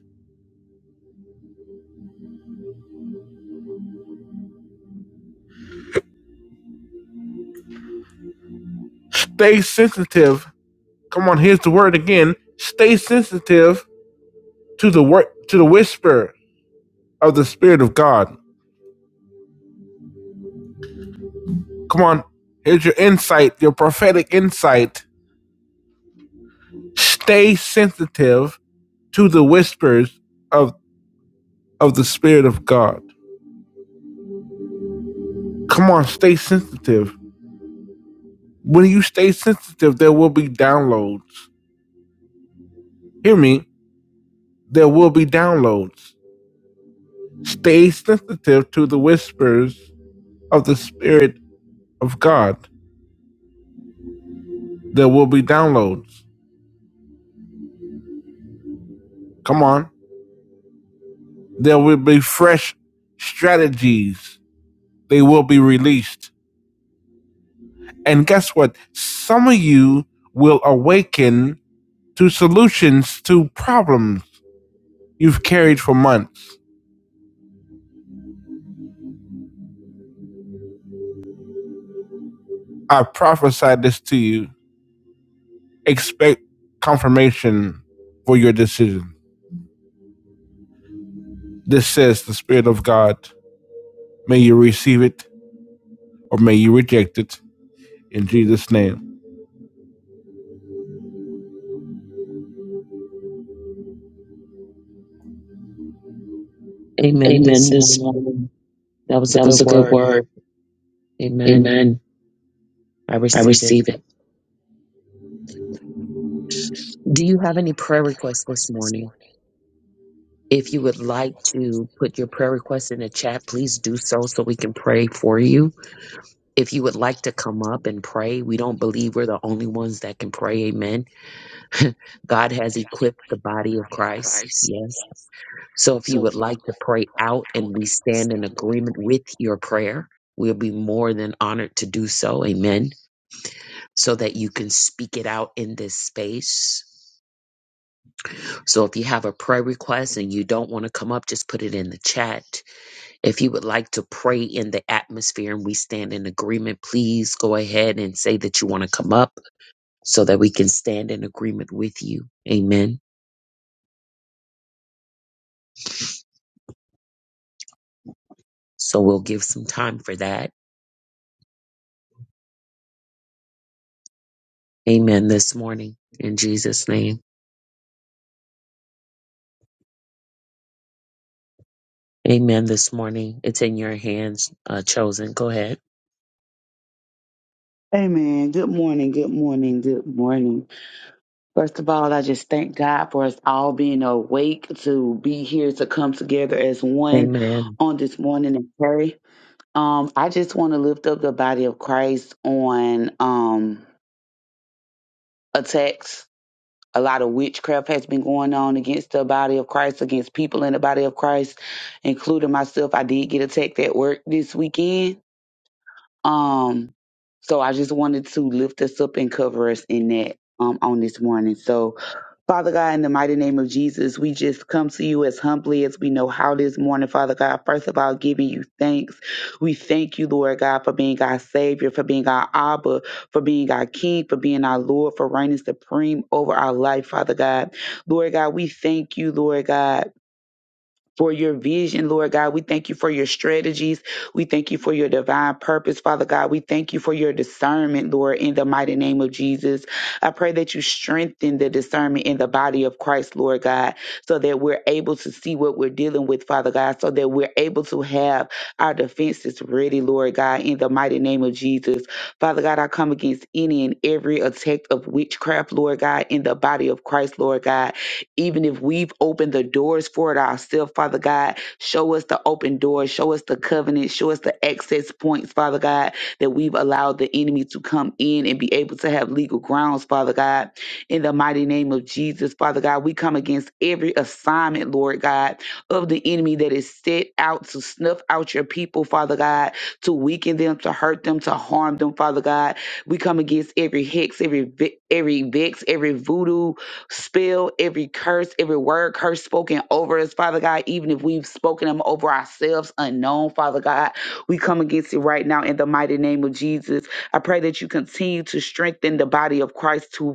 A: Stay sensitive. Come on, here's the word again. Stay sensitive to the word to the whisper of the Spirit of God. Come on, here's your insight, your prophetic insight. Stay sensitive to the whispers of of the Spirit of God. Come on, stay sensitive. When you stay sensitive, there will be downloads. Hear me, there will be downloads. Stay sensitive to the whispers of the Spirit of God. There will be downloads. Come on. There will be fresh strategies. They will be released. And guess what? Some of you will awaken to solutions to problems you've carried for months. I prophesied this to you expect confirmation for your decision. This says the Spirit of God. May you receive it or may you reject it in Jesus' name.
B: Amen this morning. That was a good word. Amen. I receive it. Do you have any prayer requests this morning? If you would like to put your prayer request in the chat, please do so so we can pray for you. If you would like to come up and pray, we don't believe we're the only ones that can pray. Amen. [laughs] God has equipped the body of Christ. Yes. So if you would like to pray out and we stand in agreement with your prayer, we'll be more than honored to do so. Amen. So that you can speak it out in this space. So if you have a prayer request and you don't want to come up, just put it in the chat. If you would like to pray in the atmosphere and we stand in agreement, please go ahead and say that you want to come up so that we can stand in agreement with you. Amen. So we'll give some time for that. Amen this morning in Jesus' name. Amen this morning. It's in your hands, uh, chosen. Go ahead.
C: Amen. Good morning. Good morning. Good morning. First of all, I just thank God for us all being awake to be here to come together as one
B: Amen.
C: on this morning and pray. Um, I just want to lift up the body of Christ on um attacks. A lot of witchcraft has been going on against the body of Christ, against people in the body of Christ, including myself. I did get attacked at work this weekend Um, so I just wanted to lift us up and cover us in that um, on this morning. So, Father God, in the mighty name of Jesus, we just come to you as humbly as we know how this morning, Father God. First of all, giving you thanks. We thank you, Lord God, for being our Savior, for being our Abba, for being our King, for being our Lord, for reigning supreme over our life, Father God. Lord God, we thank you, Lord God for your vision, Lord God. We thank you for your strategies. We thank you for your divine purpose, Father God. We thank you for your discernment, Lord, in the mighty name of Jesus. I pray that you strengthen the discernment in the body of Christ, Lord God, so that we're able to see what we're dealing with, Father God, so that we're able to have our defenses ready, Lord God, in the mighty name of Jesus. Father God, I come against any and every attack of witchcraft, Lord God, in the body of Christ, Lord God even if we've opened the doors for it ourselves, Father God, show us the open doors, show us the covenant, show us the access points, Father God, that we've allowed the enemy to come in and be able to have legal grounds, Father God. In the mighty name of Jesus, Father God, we come against every assignment, Lord God, of the enemy that is set out to snuff out your people, Father God, to weaken them, to hurt them, to harm them, Father God. We come against every hex, every ve- every vex, every voodoo, Spell every curse, every word curse spoken over us, Father God, even if we've spoken them over ourselves unknown, Father God. We come against it right now in the mighty name of Jesus. I pray that you continue to strengthen the body of Christ to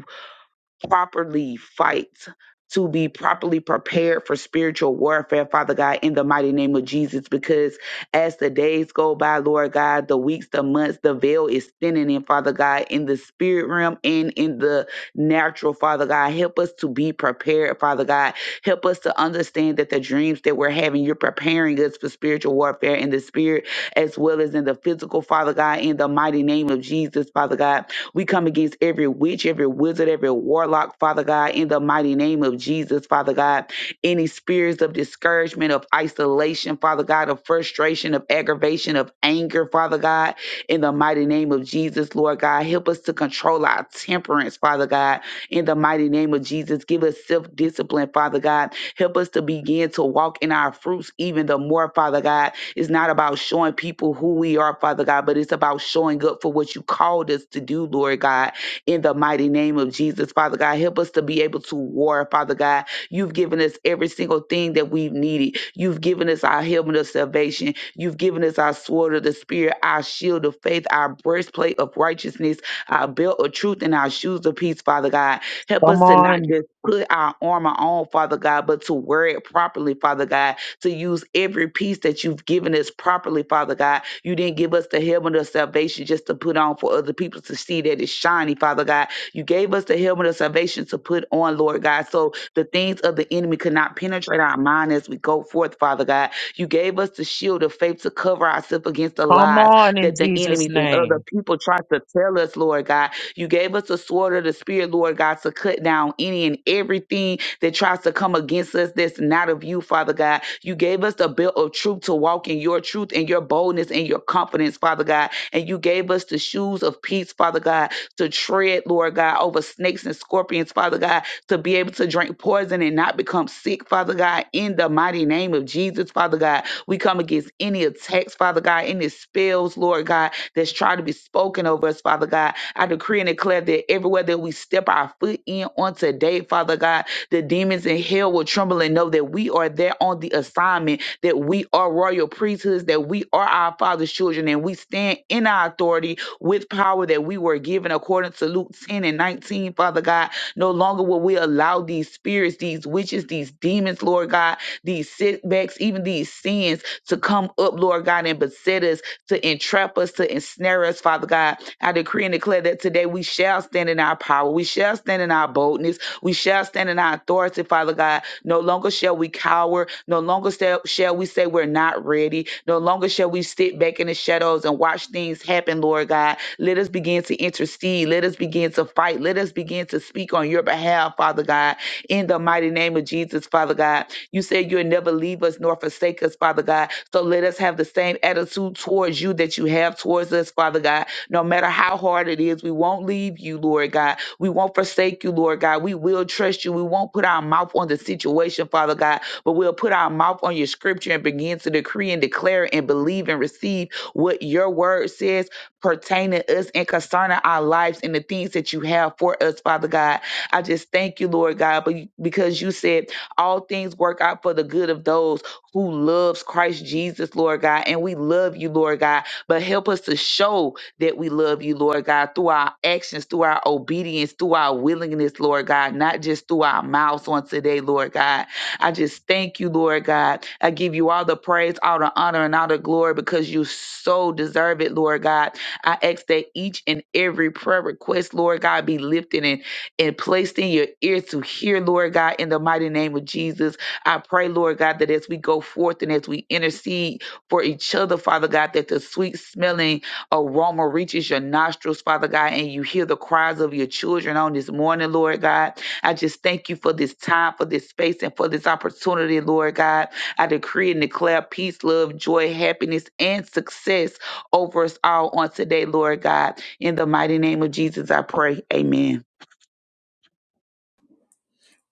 C: properly fight, to be properly prepared for spiritual warfare, Father God, in the mighty name of Jesus. Because as the days go by, Lord God, the weeks, the months, the veil is thinning in, Father God, in the spirit realm and in the natural, Father God. Help us to be prepared, Father God. Help us to understand that the dreams that we're having, you're preparing us for spiritual warfare in the spirit as well as in the physical, Father God, in the mighty name of Jesus, Father God. We come against every witch, every wizard, every warlock, Father God, in the mighty name of Jesus, Father God. Any spirits of discouragement, of isolation, Father God, of frustration, of aggravation, of anger, Father God, in the mighty name of Jesus, Lord God. Help us to control our temperance, Father God, in the mighty name of Jesus. Give us self discipline, Father God. Help us to begin to walk in our fruits even the more, Father God it's not about showing people who we are, Father God, but it's about showing up for what you called us to do, Lord God, in the mighty name of Jesus, Father God. Help us to be able to war, Father God. You've given us every single thing that we've needed. You've given us our helmet of salvation. You've given us our sword of the Spirit, our shield of faith, our breastplate of righteousness, our belt of truth, and our shoes of peace, Father God. Help
B: Come
C: us to not
B: on.
C: just put our armor on, Father God, but to wear it properly, Father God to use every piece that you've given us properly, Father God. You didn't give us the helmet of salvation just to put on for other people to see that it's shiny, Father God. You gave us the helmet of salvation to put on, Lord God, so the things of the enemy could not penetrate our mind as we go forth, Father God. You gave us the shield of faith to cover ourselves against the
B: Come
C: lies
B: on in
C: that the
B: Jesus'
C: enemies and other
B: name.
C: people try to tell us, Lord God. You gave us the sword of the Spirit, Lord God, to cut down any and everything that tries to come against us that's not of you, Father God. You gave us the belt of truth to walk in your truth and your boldness and your confidence, Father God. And you gave us the shoes of peace, Father God, to tread, Lord God, over snakes and scorpions, Father God, to be able to drink poison and not become sick, Father God, in the mighty name of Jesus, Father God. We come against any attacks, Father God, any spells, Lord God, that's trying to be spoken over us, Father God. I decree and declare that everywhere that we step our foot in on today, Father God, the demons in hell will tremble and know that we are there on the assignment, that we are royal priesthoods, that we are our Father's children, and we stand in our authority with power that we were given according to Luke 10 and 19, Father God. No longer will we allow these spirits, these witches, these demons, Lord God, these setbacks, even these sins to come up, Lord God, and beset us, to entrap us, to ensnare us, Father God. I decree and declare that today we shall stand in our in our power. We shall stand in our boldness. We shall stand in our authority, Father God. No longer shall we cower. No longer shall shall we say we're not ready. No longer shall we sit back in the shadows and watch things happen, Lord God. Let us begin to intercede. Let us begin to fight. Let us begin to speak on your behalf, Father God, in the mighty name of Jesus, Father God. You said you'll never leave us nor forsake us, Father God. So let us have the same attitude towards you that you have towards us, Father God. No matter how hard it is, we won't leave you, Lord God. We won't forsake you, Lord God. We will trust you. We won't put our mouth on the situation, Father God, but we'll put our mouth on your scripture and begin to decree and declare and believe and receive what your word says pertaining to us and concerning our lives and the things that you have for us, Father God. I just thank you, Lord God, but because you said all things work out for the good of those who loves Christ Jesus, Lord God, and we love you, Lord God. But help us to show that we love you, Lord God, through our actions, through our obedience, through our willingness, Lord God, not just through our mouths on today, Lord God. I just thank you, Lord God. I give you all the praise, all the honor, and all the glory because you so deserve it, Lord God. I ask that each and every prayer request, Lord God, be lifted and, and placed in your ear to hear, Lord God, in the mighty name of Jesus. I pray, Lord God, that as we go forth and as we intercede for each other, Father God, that the sweet smelling aroma reaches your nostrils, Father God, and you hear the cries of your children on this morning, Lord God. I just thank you for this time, for this space, and for this opportunity, Lord God. I decree and declare peace, love, joy, happiness, and success over us all on today, Lord God. In the mighty name of Jesus, I pray. Amen.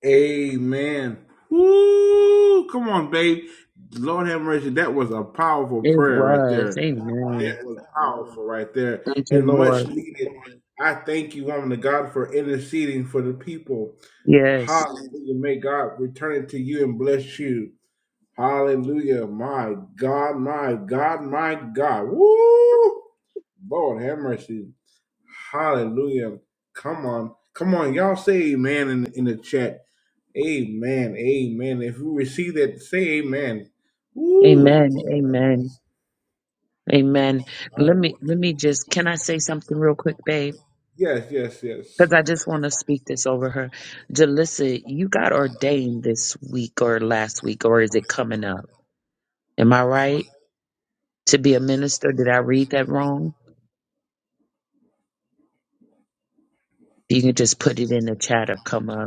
A: Amen. Woo! Come on, babe. Lord have mercy. That was a powerful
B: It
A: prayer right
B: was.
A: there.
B: Amen.
A: That was powerful right there
B: Thank you,
A: and much
B: Lord.
A: needed. I thank you, woman of God, for interceding for the people.
B: Yes.
A: Hallelujah. May God return it to you and bless you. Hallelujah. My God, my God, my God. Woo! Lord have mercy. Hallelujah. Come on. Come on. Y'all say amen in, in the chat. Amen. Amen. If you receive that, say amen. Woo!
B: Amen. Amen. Amen. Let me, let me just, can I say something real quick, babe?
A: Yes, yes, yes.
B: Because I just want to speak this over her. Jalissa, you got ordained this week or last week, or is it coming up? Am I right? To be a minister? Did I read that wrong? You can just put it in the chat or come up.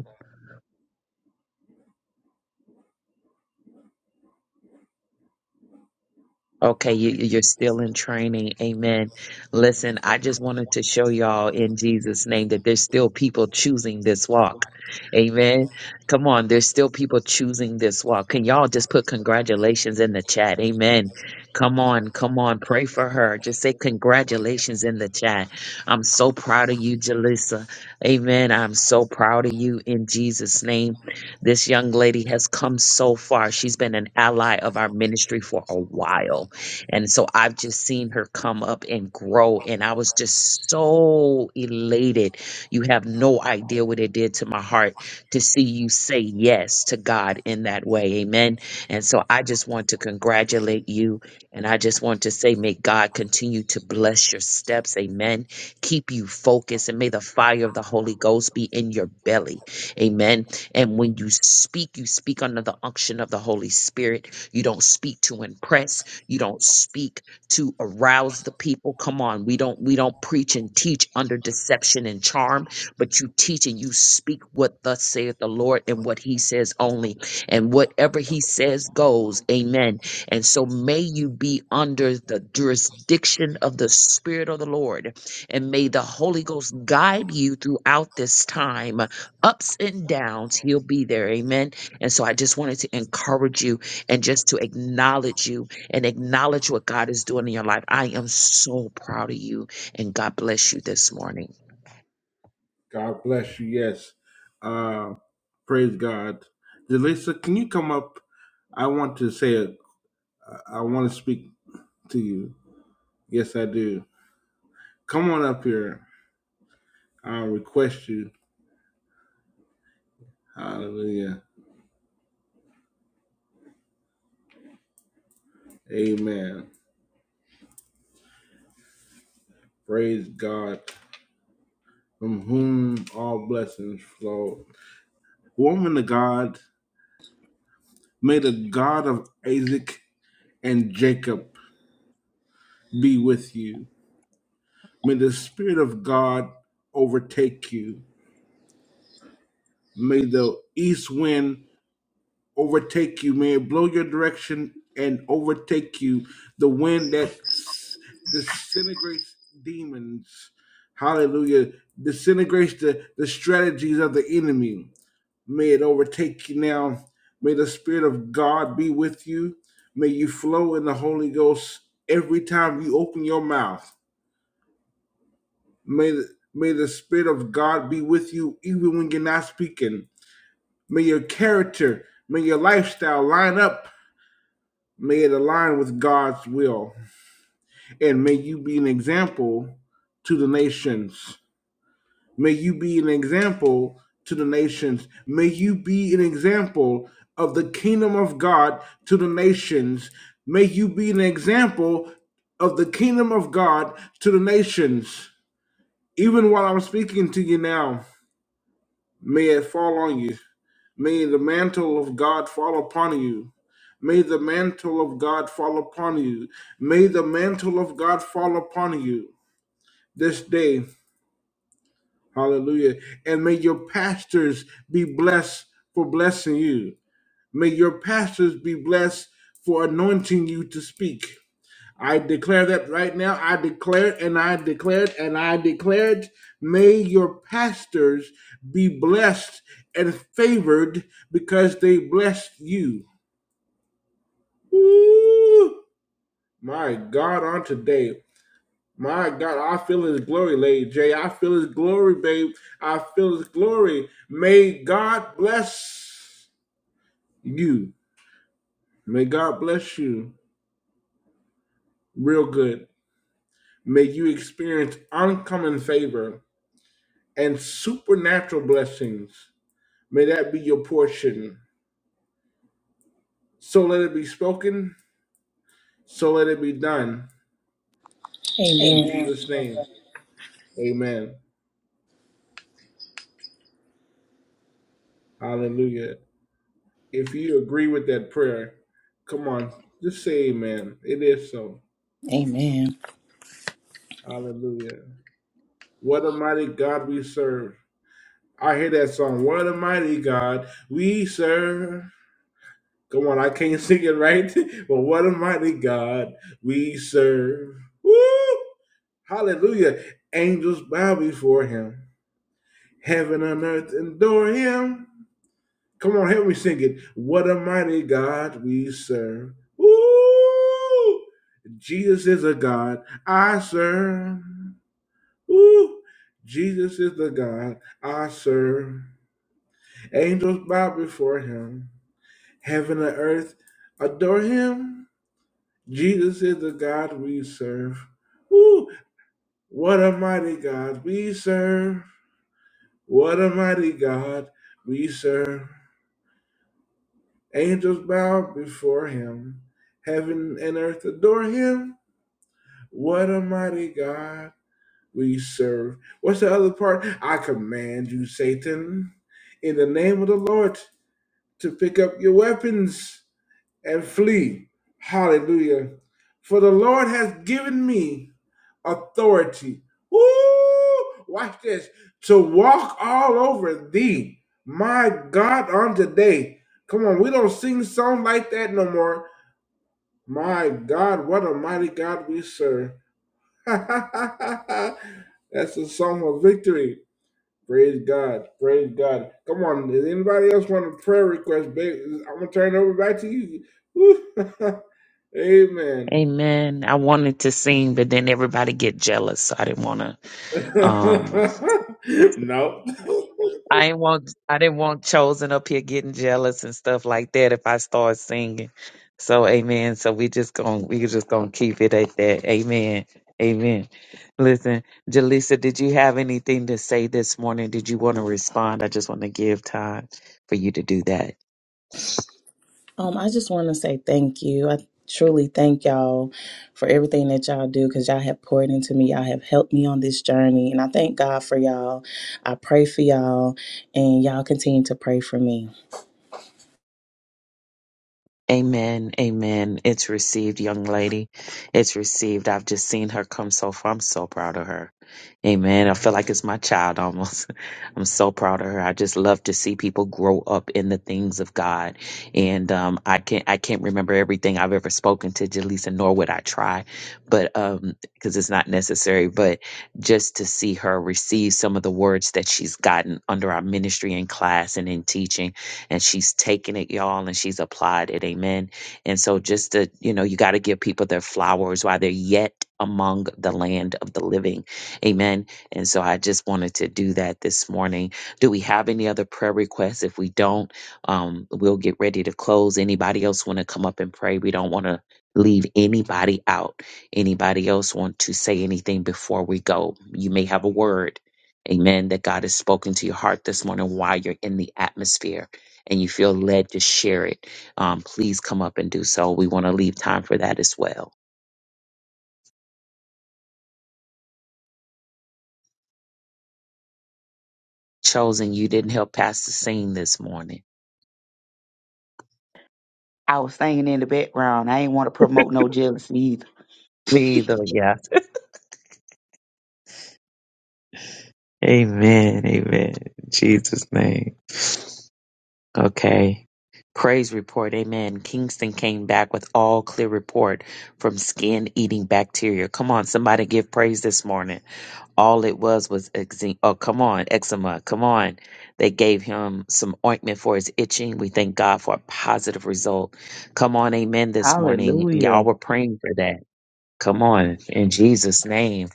B: Okay, you, you're still in training. Amen. Listen, I just wanted to show y'all in Jesus' name that there's still people choosing this walk. Amen. Come on, there's still people choosing this walk. Can y'all just put congratulations in the chat? Amen. Come on, come on. Pray for her. Just say congratulations in the chat. I'm so proud of you, Jalissa. Amen. I'm so proud of you in Jesus' name. This young lady has come so far. She's been an ally of our ministry for a while and so I've just seen her come up and grow. And I was just so elated. You have no idea what it did to my heart to see you say yes to God in that way. Amen. And so I just want to congratulate you. And I just want to say, may God continue to bless your steps. Amen. Keep you focused. And may the fire of the Holy Ghost be in your belly. Amen. And when you speak, you speak under the unction of the Holy Spirit. You don't speak to impress you don't speak to arouse the people come on we don't we don't preach and teach under deception and charm but you teach and you speak what thus saith the lord and what he says only and whatever he says goes amen and so may you be under the jurisdiction of the spirit of the lord and may the holy ghost guide you throughout this time ups and downs he'll be there amen and so i just wanted to encourage you and just to acknowledge you and acknowledge what God is doing in your life. I am so proud of you, and God bless you this morning.
A: God bless you. Yes. Uh, praise God. Delisa, can you come up? I want to say, it. I want to speak to you. Yes, I do. Come on up here. I request you. Hallelujah. Amen. Praise God, from whom all blessings flow. Woman of God, may the God of Isaac and Jacob be with you. May the Spirit of God overtake you. May the east wind overtake you. May it blow your direction and overtake you. The wind that s- disintegrates demons. Hallelujah. Disintegrates the, the strategies of the enemy May it overtake you now. May the Spirit of God be with you. May you flow in the Holy Ghost every time you open your mouth. May the, may the Spirit of God be with you even when you're not speaking. May your character, may your lifestyle line up. May it align with God's will. And may you be an example to the nations. May you be an example to the nations. May you be an example of the kingdom of God to the nations. May you be an example of the kingdom of God to the nations. Even while I'm speaking to you now, may it fall on you. May the mantle of God fall upon you. May the mantle of God fall upon you. May the mantle of God fall upon you this day. Hallelujah. And may your pastors be blessed for blessing you. May your pastors be blessed for anointing you to speak. I declare that right now. I declare it and I declare it and I declare it. May your pastors be blessed and favored because they blessed you. Ooh, My God, on today. My God, I feel his glory, Lady J. I feel his glory, babe. I feel his glory. May God bless you. May God bless you real good. May you experience uncommon favor and supernatural blessings. May that be your portion. So let it be spoken. So let it be done. In
D: Amen.
A: Amen. Jesus' name. Amen. Hallelujah. If you agree with that prayer, come on, just say amen. It is so.
D: Amen.
A: Hallelujah. What a mighty God we serve. I hear that song. What a mighty God we serve. Come on, I can't [laughs] sing it right, [laughs] but what a mighty God we serve. Woo! Hallelujah. Angels bow before him. Heaven and earth adore him. Come on, help me sing it. What a mighty God we serve. Woo! Jesus is a God I serve. Woo! Jesus is the God I serve. Angels bow before him. Heaven and earth adore him. Jesus is the God we serve. Woo! What a mighty God we serve. What a mighty God we serve. Angels bow before him. Heaven and earth adore him. What a mighty God we serve. What's the other part? I command you, Satan, in the name of the Lord, to pick up your weapons and flee. Hallelujah. For the Lord has given me authority. Woo! Watch this. To walk all over thee, my God, on today. Come on, we don't sing songs like that no more. My God, what a mighty God we serve. [laughs] That's a song of victory. Praise God. Praise God. Come on. Does anybody else want a prayer request? Babe? I'm going to turn it over back to you. Woo. [laughs] Amen.
B: Amen. I wanted to sing, but then everybody get jealous, so I didn't want to. Um,
A: [laughs] no. [laughs]
B: I ain't want I didn't want chosen up here getting jealous and stuff like that if I start singing. So amen. So we just gonna we just gonna keep it at that. Amen. Amen. Listen, Jaleesa, did you have anything to say this morning? Did you want to respond? I just want to give time for you to do that.
D: Um, I just want to say thank you. I truly thank y'all for everything that y'all do because y'all have poured into me. Y'all have helped me on this journey. And I thank God for y'all. I pray for y'all and y'all continue to pray for me.
B: Amen. Amen. It's received, young lady. It's received. I've just seen her come so far. I'm so proud of her. Amen. I feel like it's my child almost. [laughs] I'm so proud of her. I just love to see people grow up in the things of God. And um, I can't I can't remember everything I've ever spoken to Jaleesa, nor would I try, but um, because it's not necessary. But just to see her receive some of the words that she's gotten under our ministry in class and in teaching, and she's taken it, y'all, and she's applied it. Amen. And so just to, you know, you got to give people their flowers while they're yet among the land of the living Amen. And so I just wanted to do that this morning. Do we have any other prayer requests? If we don't, um, we'll get ready to close. Anybody else want to come up and pray? We don't want to leave anybody out. Anybody else want to say anything before we go? You may have a word. Amen. That God has spoken to your heart this morning while you're in the atmosphere and you feel led to share it. Um, please come up and do so. We want to leave time for that as well. Chosen, you didn't help Pastor sing this morning.
C: I was singing in the background. I ain't want to promote no jealousy either.
B: Me either, yes. Amen. Amen. In Jesus' name. Okay. Praise report. Amen. Kingston came back with all clear report from skin eating bacteria. Come on, somebody give praise this morning. All it was was eczema. Oh, come on, eczema. Come on. They gave him some ointment for his itching. We thank God for a positive result. Come on, amen, this morning. Y'all were praying for that. Come on, in Jesus' name.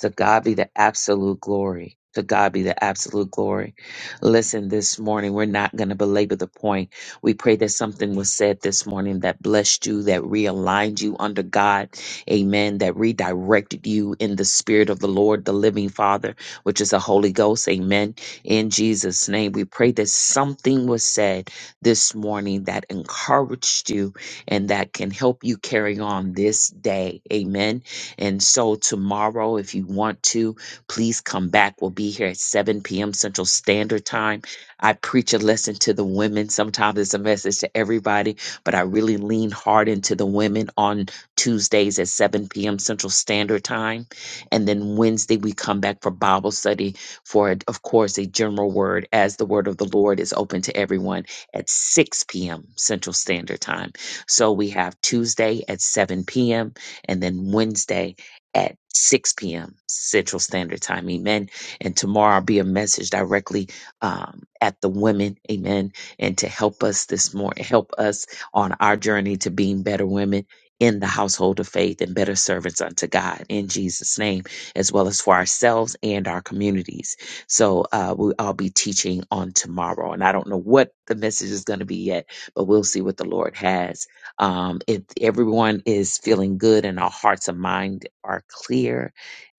B: To God be the absolute glory. To God be the absolute glory. Listen, this morning, we're not going to belabor the point. We pray that something was said this morning that blessed you, that realigned you under God. Amen. That redirected you in the spirit of the Lord, the living Father, which is the Holy Ghost. Amen. In Jesus' name, we pray that something was said this morning that encouraged you and that can help you carry on this day. Amen. And so, tomorrow, if you want to, please come back. We'll be here at 7 p.m. Central Standard Time. I preach a lesson to the women. Sometimes it's a message to everybody, but I really lean hard into the women on Tuesdays at 7 p.m. Central Standard Time. And then Wednesday, we come back for Bible study for, of course, a general word as the word of the Lord is open to everyone at 6 p.m. Central Standard Time. So we have Tuesday at 7 p.m. and then Wednesday at 6 p.m. Central Standard Time. Amen. And tomorrow I'll be a message directly um, at the women. Amen. And to help us this morning, help us on our journey to being better women in the household of faith and better servants unto God in Jesus' name, as well as for ourselves and our communities. So uh, we, I'll be teaching on tomorrow. And I don't know what the message is going to be yet, but we'll see what the Lord has. Um, if everyone is feeling good and our hearts and mind are clear,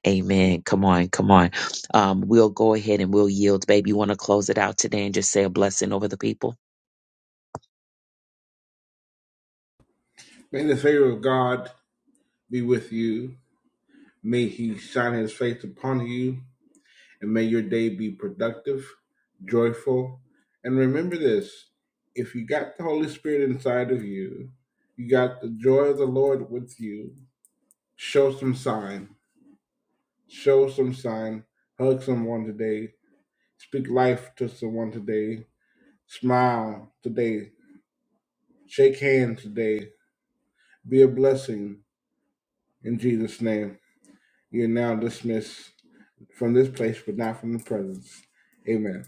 B: amen. Come on, come on. Um, we'll go ahead and we'll yield. Babe, you want to close it out today and just say a blessing over the people?
A: May the favor of God be with you. May he shine his face upon you. And may your day be productive, joyful. And remember this if you got the Holy Spirit inside of you, you got the joy of the Lord with you, show some sign. Show some sign. Hug someone today. Speak life to someone today. Smile today. Shake hands today. Be a blessing in Jesus' name. You're now dismissed from this place, but not from the presence. Amen.